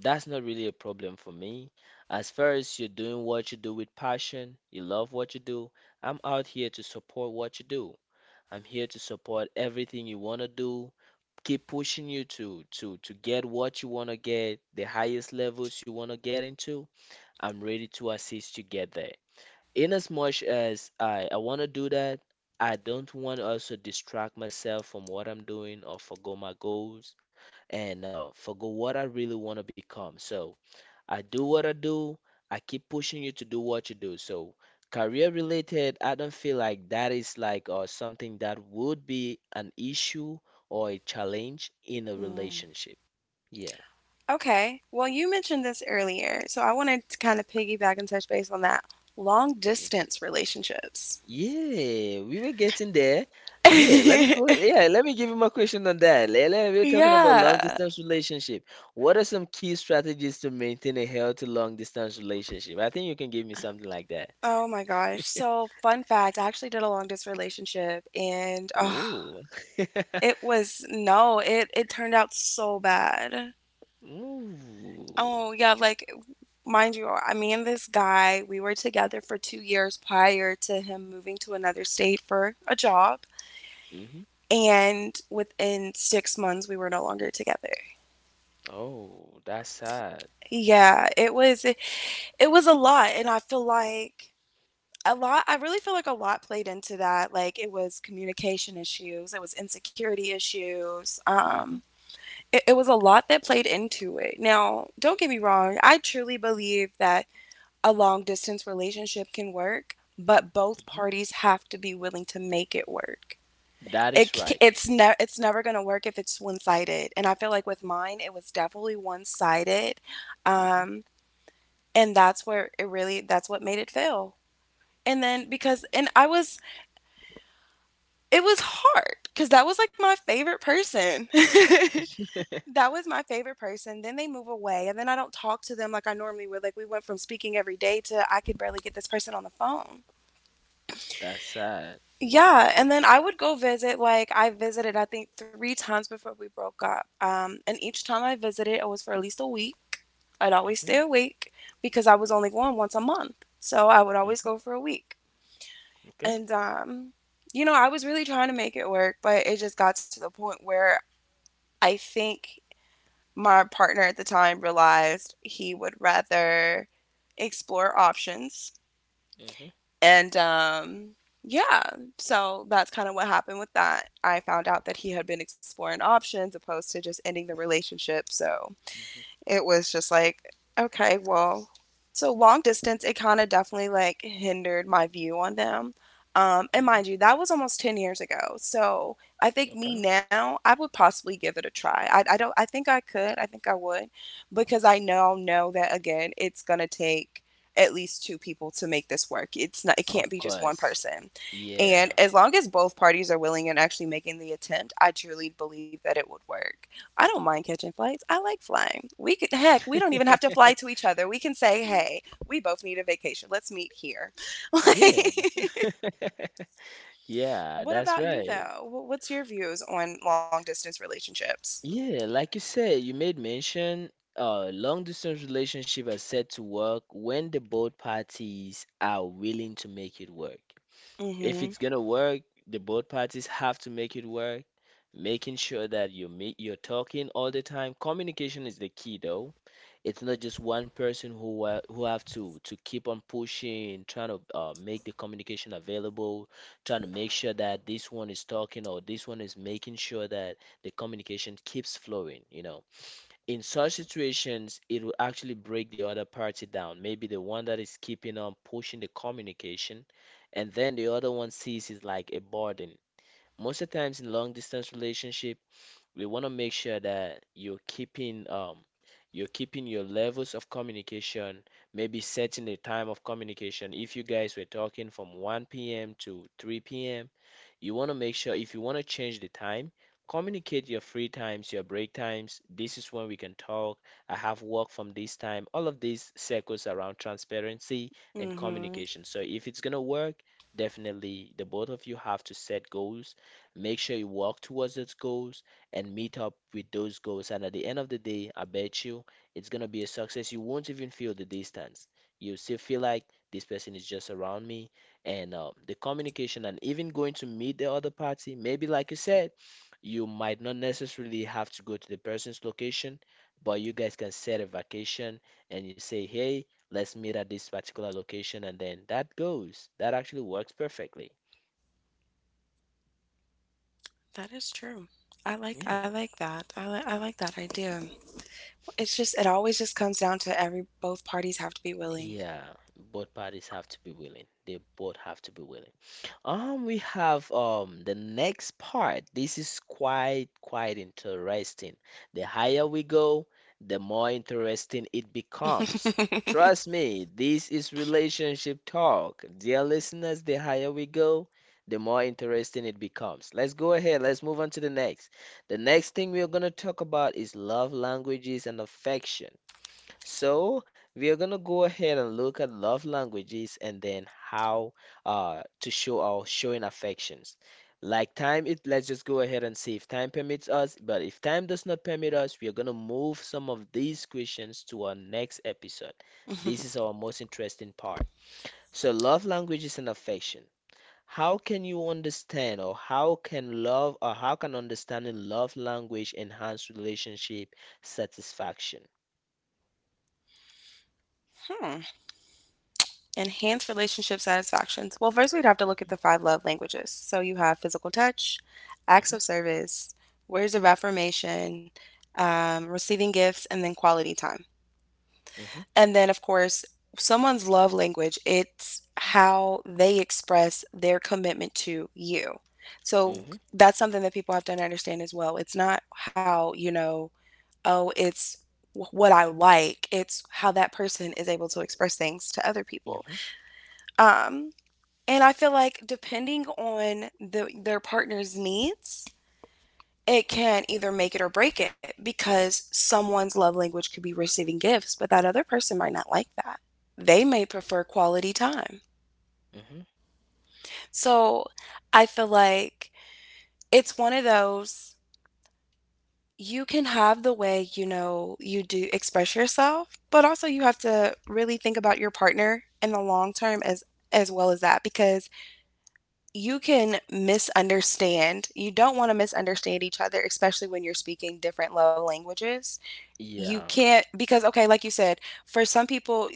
Speaker 1: that's not really a problem for me. As far as you're doing what you do with passion, you love what you do, I'm out here to support what you do. I'm here to support everything you want to do, keep pushing you to get what you want to get, the highest levels you want to get into. I'm ready to assist you get there. In as much as I want to do that, I don't want to also distract myself from what I'm doing or forgo my goals and forgo what I really want to become. So I do what I do. I keep pushing you to do what you do. So, career related, I don't feel like that is like or something that would be an issue or a challenge in a
Speaker 2: Mm.
Speaker 1: relationship. Yeah.
Speaker 2: Okay. Well, you mentioned this earlier, so I wanted to kind of piggyback and touch base on that. Long
Speaker 1: Mhm.
Speaker 2: distance relationships.
Speaker 1: Yeah, we were getting there. Yeah, let me go. Yeah, let me give you my question on that. Lele, we're talking about long
Speaker 2: Yeah.
Speaker 1: distance relationship. What are some key strategies to maintain a healthy long distance relationship? I think you can give me something like that.
Speaker 2: Oh my gosh. So, fun fact, I actually did a long distance relationship and oh,
Speaker 1: Ooh.
Speaker 2: it was no, it turned out so bad.
Speaker 1: Ooh.
Speaker 2: Oh, yeah, like mind you, I me and this guy, we were together for 2 years prior to him moving to another state for a job,
Speaker 1: Mm-hmm.
Speaker 2: and within 6 months we were no longer together.
Speaker 1: Oh, that's sad.
Speaker 2: Yeah, it was a lot, and I feel like a lot I really feel like a lot played into that. Like, it was communication issues, it was insecurity issues.
Speaker 1: Hmm.
Speaker 2: It was a lot that played into it. Now, don't get me wrong, I truly believe that a long distance relationship can work, but both
Speaker 1: Hmm.
Speaker 2: parties have to be willing to make it work.
Speaker 1: That is right.
Speaker 2: It's never going to work if it's one-sided. And I feel like with mine it was definitely one-sided.
Speaker 1: Hmm.
Speaker 2: um, and that's what made it fail. And then because and i was it was hard because that was like my favorite person. That was my favorite person. Then they move away, and then I don't talk to them like I normally would. Like, we went from speaking every day to I could barely get this person on the phone.
Speaker 1: That's sad.
Speaker 2: Yeah. And then I would go visit. Like, I visited, I think, three times before we broke up. And each time I visited, it was for at least a week. I'd always stay
Speaker 1: Hmm.
Speaker 2: awake because I was only going once a month, so I would always
Speaker 1: Hmm.
Speaker 2: go for a week.
Speaker 1: Okay.
Speaker 2: And you know, I was really trying to make it work, but it just got to the point where I think my partner at the time realized he would rather explore options.
Speaker 1: Hmm.
Speaker 2: And yeah, so that's kind of what happened with that. I found out that he had been exploring options opposed to just ending the relationship. So
Speaker 1: Hmm.
Speaker 2: it was just like, okay, well, so long distance, it kind of definitely like hindered my view on them. And
Speaker 1: Hmm.
Speaker 2: mind you, that was almost 10 years ago. So I think me
Speaker 1: Okay.
Speaker 2: now, I would possibly give it a try. I don't, I think I could, I think I would, because I now know that again, it's going to take at least two people to make this work. It's not, it
Speaker 1: Of
Speaker 2: can't be just one
Speaker 1: course.
Speaker 2: person. And
Speaker 1: Yeah.
Speaker 2: as long as both parties are willing and actually making the attempt, I truly believe that it would work. I don't mind catching flights. I like flying. We could heck, we don't even have to fly to each other. We can say, "Hey, we both need a vacation. Let's meet here." Like,
Speaker 1: Yeah. Yeah,
Speaker 2: what
Speaker 1: that's
Speaker 2: about you
Speaker 1: right.
Speaker 2: though? What's your views on long distance relationships?
Speaker 1: Yeah, like you said, you made mention long distance relationship are set to work when the both parties are willing to make it work.
Speaker 2: Mm.
Speaker 1: If
Speaker 2: Mhm.
Speaker 1: it's gonna work, the both parties have to make it work, making sure that you meet, you're talking all the time. Communication is the key, though. It's not just one person who have to keep on pushing, trying to make the communication available, trying to make sure that this one is talking or this one is making sure that the communication keeps flowing, in such situations, it will actually break the other party down. Maybe the one that is keeping on pushing the communication, and then the other one sees it like a burden. Most of the times in long distance relationship, we want to make sure that you're keeping your levels of communication, maybe setting a time of communication. If you guys were talking from 1 p.m. to 3 p.m., you want to make sure if you want to change the time, communicate your free times, your break times. This is when we can talk. I have work from this time. All of these circles around transparency and
Speaker 2: Mm. Mhm.
Speaker 1: communication. So if it's gonna work, definitely the both of you have to set goals. Make sure you work towards those goals and meet up with those goals. And at the end of the day, I bet you it's going to be a success. You won't even feel the distance. You still feel like this person is just around me. And the communication and even going to meet the other party, maybe like you said, you might not necessarily have to go to the person's location, but you guys can set a vacation and you say, hey, let's meet at this particular location. And then that goes. That actually works perfectly.
Speaker 2: That is true. I like I
Speaker 1: Yeah.
Speaker 2: like that. I like that idea. It's just it always just comes down to every both parties have to be willing.
Speaker 1: Yeah, both parties have to be willing. They both have to be willing. We have the next part. This is quite interesting. The higher we go, the more interesting it becomes. Trust me, this is relationship talk. Dear listeners, the higher we go, the more interesting it becomes. Let's go ahead. Let's move on to the next. The next thing we are going to talk about is love languages and affection. So we are gonna go ahead and look at love languages and then how to show our showing affections. Like time, it let's just go ahead and see if time permits us. But if time does not permit us, we are gonna move some of these questions to our next episode. This is our most interesting part. So love languages and affection. How can you understand, or how can love, or how can understanding love language enhance relationship satisfaction?
Speaker 2: Hmm. Enhance relationship satisfactions. Well, first we'd have to look at the five love languages. So you have physical touch, acts of service, words of affirmation, receiving gifts, and then quality time.
Speaker 1: Hmm.
Speaker 2: And then, of course, someone's love language, it's how they express their commitment to you. So
Speaker 1: Hmm.
Speaker 2: that's something that people have to understand as well. It's not how, you know, oh, it's what I like, it's how that person is able to express things to other people.
Speaker 1: Hmm.
Speaker 2: Um, and I feel like depending on the, their partner's needs, it can either make it or break it because someone's love language could be receiving gifts, but that other person might not like that. They may prefer quality time.
Speaker 1: Hmm.
Speaker 2: So I feel like it's one of those you can have the way you know you do express yourself, but also you have to really think about your partner in the long term as well as that because you can misunderstand. You don't want to misunderstand each other, especially when you're speaking different love languages. You
Speaker 1: Yeah,
Speaker 2: can't, because, okay, like you said, for some people,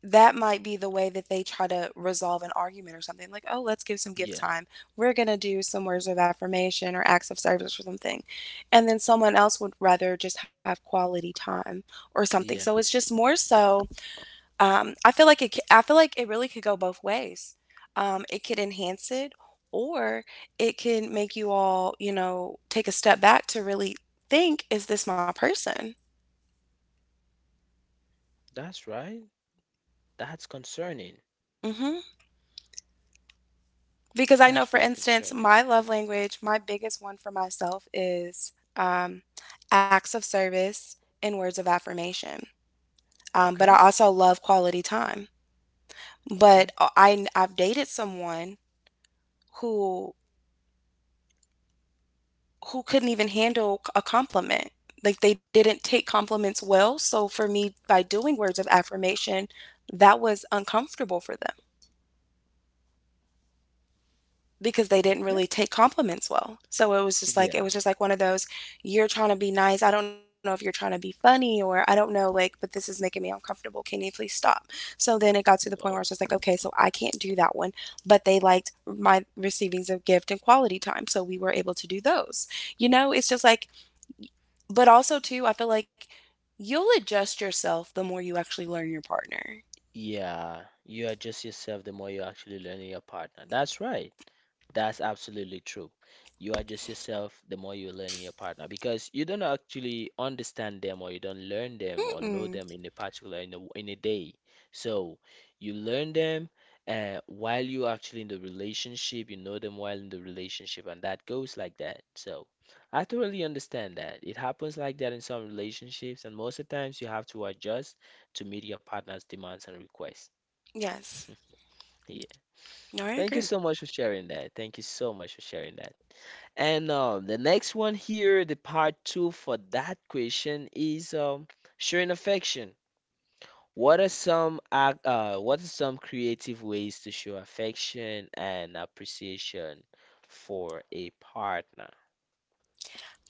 Speaker 2: that might be the way that they try to resolve an argument or something like, oh, let's give some gift
Speaker 1: yeah,
Speaker 2: time. We're going to do some words of affirmation or acts of service or something. And then someone else would rather just have quality time or something. So it's
Speaker 1: yeah.
Speaker 2: just more so I feel like I feel like it really could go both ways. It could enhance it, or it can make you all, you know, take a step back to really think: is this my person?
Speaker 1: That's right. That's concerning.
Speaker 2: Hmm. Because I know,
Speaker 1: That's
Speaker 2: for
Speaker 1: really
Speaker 2: instance,
Speaker 1: concerning.
Speaker 2: my love language, my biggest one for myself is acts of service and words of affirmation. But
Speaker 1: Okay,
Speaker 2: I also love quality time.
Speaker 1: okay,
Speaker 2: But I've dated someone who who couldn't even handle a compliment. Like, they didn't take compliments well. So for me, by doing words of affirmation, that was uncomfortable for them because they didn't
Speaker 1: okay.
Speaker 2: really take compliments well. So it was just like it
Speaker 1: Yeah.
Speaker 2: was just like one of those you're trying to be nice. I don't know if you're trying to be funny or I don't know like but this is making me uncomfortable. Can you please stop? So then it got to the point where it's
Speaker 1: Wow.
Speaker 2: just like, okay, so I can't do that one, but they liked my receivings of gift and quality time. So we were able to do those. You know, it's just like. But also too, I feel like you'll adjust yourself the more you actually learn your partner.
Speaker 1: Yeah, you adjust yourself the more you actually learn your partner. That's right. That's absolutely true. You adjust yourself the more you learn your partner because you don't actually understand them or you don't learn them or know
Speaker 2: Mm-mm.
Speaker 1: them in a particular in a day. So you learn them while you're actually in the relationship, you know them while in the relationship, and that goes like that. So I totally understand that. It happens like that in some relationships, and most of the times you have to adjust to meet your partner's demands and requests.
Speaker 2: Yes.
Speaker 1: Yeah.
Speaker 2: No, I
Speaker 1: Thank you
Speaker 2: agree.
Speaker 1: so much for sharing that. Thank you so much for sharing that. And the next one here, the part two for that question is showing affection. What are what are some creative ways to show affection and appreciation for a partner?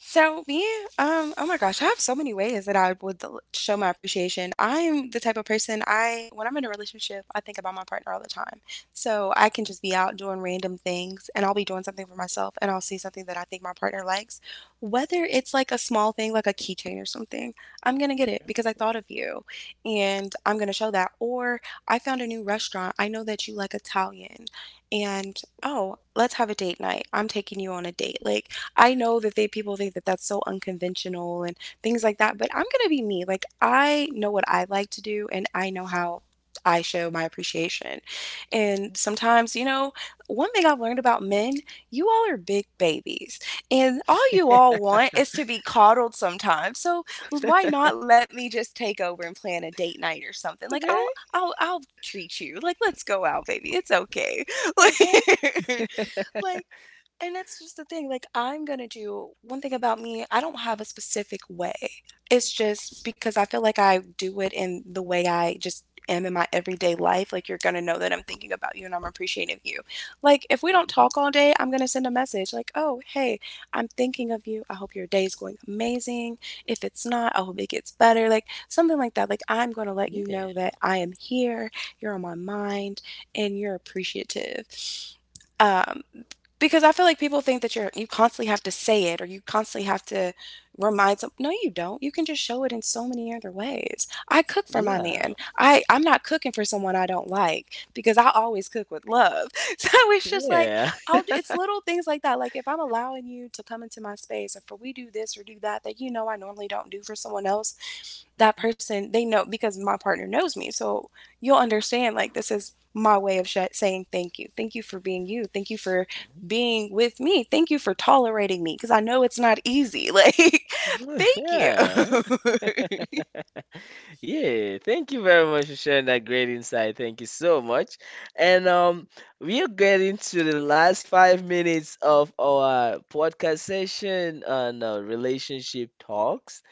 Speaker 2: So me, oh my gosh, I have so many ways that I would show my appreciation. I am the type of person, when I'm in a relationship, I think about my partner all the time. So I can just be out doing random things, and I'll be doing something for myself, and I'll see something that I think my partner likes, whether
Speaker 1: Mhm.
Speaker 2: it's like a small thing, like a keychain or something. I'm gonna get it
Speaker 1: Okay.
Speaker 2: because I thought of you, and I'm gonna show that. Or I found a new restaurant. I know that you like Italian, and oh, let's have a date night. I'm taking you on a date. Like, I know that they people think that that's so unconventional and things like that, but I'm going to be me. Like, I know what I like to do and I know how I show my appreciation. And sometimes, you know, one thing I've learned about men, you all are big babies. And all you all want is to be coddled sometimes. So why not let me just take over and plan a date night or something? Like, I'll
Speaker 1: Okay.
Speaker 2: I'll I'll treat you. Like, let's go out, baby. It's okay.
Speaker 1: Okay.
Speaker 2: Like, like, and that's just the thing. Like, I'm gonna do one thing about me, I don't have a specific way. It's just because I feel like I do it in the way I just am in my everyday life. Like, you're gonna know that I'm thinking about you and I'm appreciative of you. Like, if we don't
Speaker 1: Mhm.
Speaker 2: talk all day, I'm gonna send a message like, oh, hey, I'm thinking of you. I hope your day is going amazing. If it's not, I hope it gets better. Like, something like that. Like, I'm gonna let you know
Speaker 1: Yeah.
Speaker 2: that I am here, you're on my mind, and you're appreciative. Um, because I feel like people think that you're you constantly have to say it or you constantly have to remind some No, you don't. You can just show it in so many other ways. I cook for my
Speaker 1: Yeah.
Speaker 2: man. I'm not cooking for someone I don't like because I always cook with love. So it's just like
Speaker 1: Yeah.
Speaker 2: I'll it's little things like that. Like if I'm allowing you to come into my space or if we do this or do that that you know I normally don't do for someone else, that person they know because my partner knows me so you'll understand, like, this is my way of saying thank you, thank you for being you, thank you for
Speaker 1: Mhm,
Speaker 2: being with me, thank you for tolerating me because I know it's not easy, like
Speaker 1: mhm.
Speaker 2: thank you.
Speaker 1: Yeah. Yeah, thank you very much for sharing that great insight. Thank you so much. And we are getting to the last 5 minutes of our podcast session on relationship talks.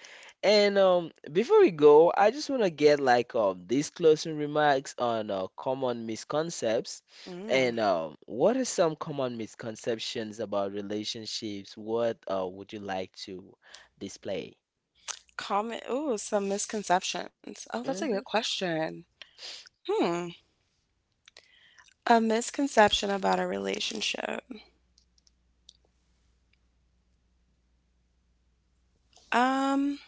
Speaker 1: And before we go, I just want to get like these closing remarks on common misconceptions.
Speaker 2: mm,
Speaker 1: And what are some common misconceptions about relationships? What would you like to display?
Speaker 2: comment. Oh, some misconceptions. Oh, that's a good
Speaker 1: Mm-hmm.
Speaker 2: question. Hmm. A misconception about a relationship. um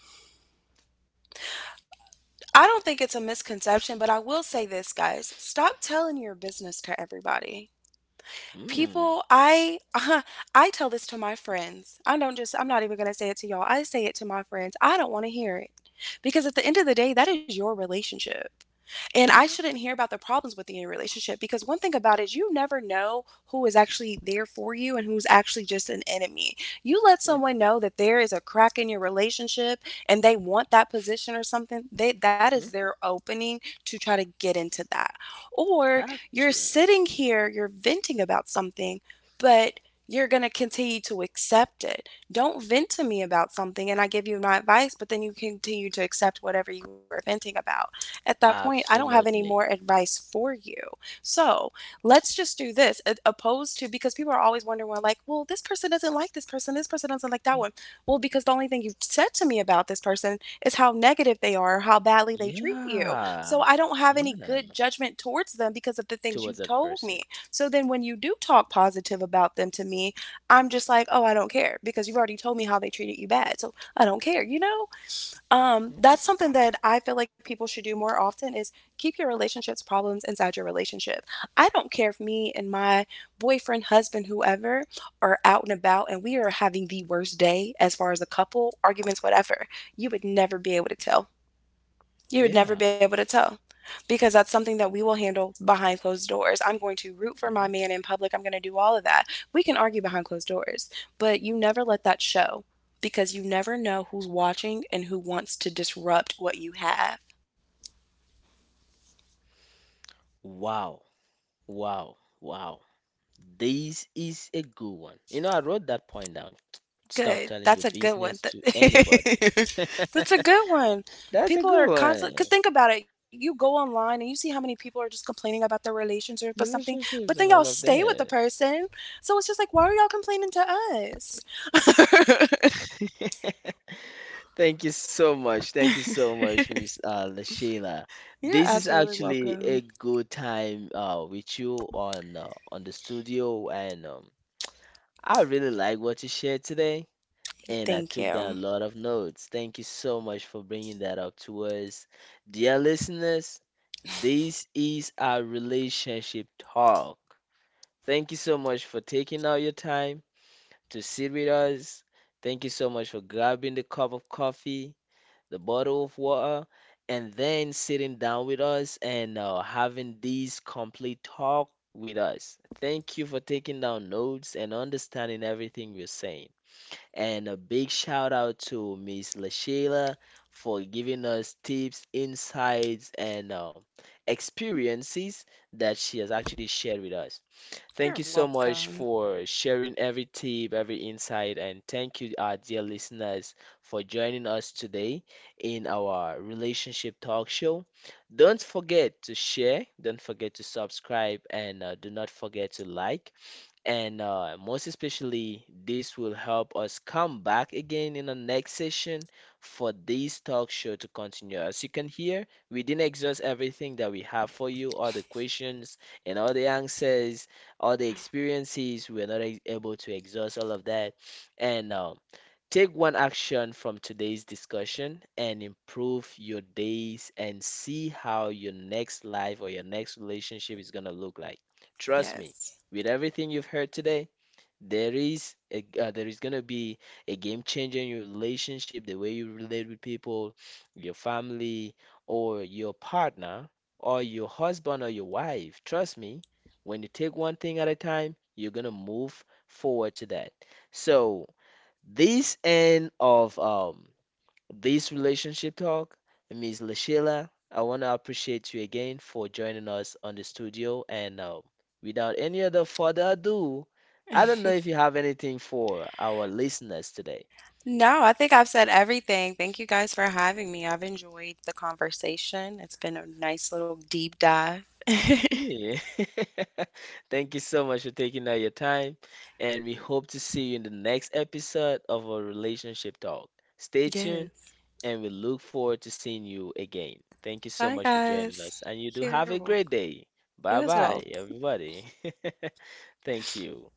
Speaker 2: I don't think it's a misconception, but I will say this, guys, stop telling your business to everybody. People, I I tell this to my friends. I don't just I'm not even going to say it to y'all. I say it to my friends. I don't want to hear it. Because at the end of the day, that is your relationship. And I
Speaker 1: Mm-hmm.
Speaker 2: shouldn't hear about the problems within your relationship because one thing about it, you never know who is actually there for you and who's actually just an enemy. You let someone know that there is a crack in your relationship and they want that position or something, that is their opening to try to get into that. Or you're
Speaker 1: Actually,
Speaker 2: sitting here, you're venting about something, but you're going to continue to accept it. Don't vent to me about something and I give you my advice, but then you continue to accept whatever you were venting about. At that point, I don't have any more
Speaker 1: absolutely.
Speaker 2: advice for you. So let's just do this, opposed to, because people are always wondering, well, like, well, this person doesn't like this person doesn't like that
Speaker 1: Mm.
Speaker 2: one. Well, because the only thing you've said to me about this person is how negative they are, how badly they treat you. So
Speaker 1: Yeah,
Speaker 2: I don't have any
Speaker 1: yeah.
Speaker 2: good judgment towards them because of the
Speaker 1: To
Speaker 2: things
Speaker 1: other
Speaker 2: you've told
Speaker 1: person.
Speaker 2: me. So then when you do talk positive about them to me, I'm just like, "Oh, I don't care because you've already told me how they treated you bad." So I don't care, you know?
Speaker 1: Mm.
Speaker 2: That's something that I feel like people should do more often is keep your relationships problems inside your relationship. I don't care if me and my boyfriend, husband, whoever are out and about and we are having the worst day as far as a couple, arguments, whatever. You would never be able to tell. You would never
Speaker 1: Yeah.
Speaker 2: be able to tell because that's something that we will handle behind closed doors. I'm going to root for
Speaker 1: Mhm.
Speaker 2: my man in public. I'm going to do all of that. We can argue behind closed doors, but you never let that show because you never know who's watching and who wants to disrupt what you have.
Speaker 1: Wow, wow, wow. This is a good one. You know, I wrote that point down. Stop
Speaker 2: Good.
Speaker 1: telling
Speaker 2: That's
Speaker 1: your
Speaker 2: a good one.
Speaker 1: business to anybody.
Speaker 2: That's a good one.
Speaker 1: That's a
Speaker 2: People
Speaker 1: good
Speaker 2: are constantly, because
Speaker 1: one.
Speaker 2: think about it. You go online and you see how many people are just complaining about their relationship or something, but
Speaker 1: Relationships
Speaker 2: then
Speaker 1: and
Speaker 2: y'all
Speaker 1: all of
Speaker 2: stay with the
Speaker 1: that.
Speaker 2: person. So it's just like, why are y'all complaining to
Speaker 1: Thank you so much.
Speaker 2: us?
Speaker 1: Thank you so much, Miss Sheila.
Speaker 2: You're
Speaker 1: This is
Speaker 2: absolutely
Speaker 1: actually
Speaker 2: welcome.
Speaker 1: a good time with you on the studio, and I really like what you shared today, and I
Speaker 2: Thank
Speaker 1: took down a
Speaker 2: you.
Speaker 1: lot of notes. Thank you so much for bringing that up to us, dear listeners. This is our relationship talk. Thank you so much for taking out your time to sit with us. Thank you so much for grabbing the cup of coffee, the bottle of water, and then sitting down with us and having this complete talk with us. Thank you for taking down notes and understanding everything we're saying. And a big shout out to Miss LaShayla for giving us tips, insights, and experiences that she has actually shared with us.
Speaker 2: You're
Speaker 1: Thank you so much
Speaker 2: welcome.
Speaker 1: for sharing every tip, every insight, and thank you, our dear listeners, for joining us today in our relationship talk show. Don't forget to share, don't forget to subscribe, and do not forget to like. And most especially, this will help us come back again in the next session for this talk show to continue. As you can hear, we didn't exhaust everything that we have for you, all the questions and all the answers, all the experiences. We're not able to exhaust all of that. And take one action from today's discussion and improve your days and see how your next life or your next relationship is going to look like. Trust me,
Speaker 2: Yes.
Speaker 1: with everything you've heard today, there is going to be a game changer in your relationship, the way you relate with people, your family, or your partner, or your husband or your wife. Trust me, when you take one thing at a time, you're going to move forward to that. So, this end of this relationship talk, Miss Lashila, I want to appreciate you again for joining us on the studio. And without any other further ado, I don't know if you have anything for our listeners today.
Speaker 2: No, I think I've said everything. Thank you guys for having me. I've enjoyed the conversation. It's been a nice little deep dive.
Speaker 1: Yeah. Thank you so much for taking out your time, and we hope to see you in the next episode of our relationship talk. Stay tuned
Speaker 2: Yes.
Speaker 1: and we look forward to seeing you again. Thank you so
Speaker 2: Bye,
Speaker 1: much for joining
Speaker 2: guys.
Speaker 1: us, and you do
Speaker 2: You're
Speaker 1: have a
Speaker 2: welcome.
Speaker 1: great day.
Speaker 2: You as
Speaker 1: Bye
Speaker 2: well.
Speaker 1: bye, everybody. Thank you.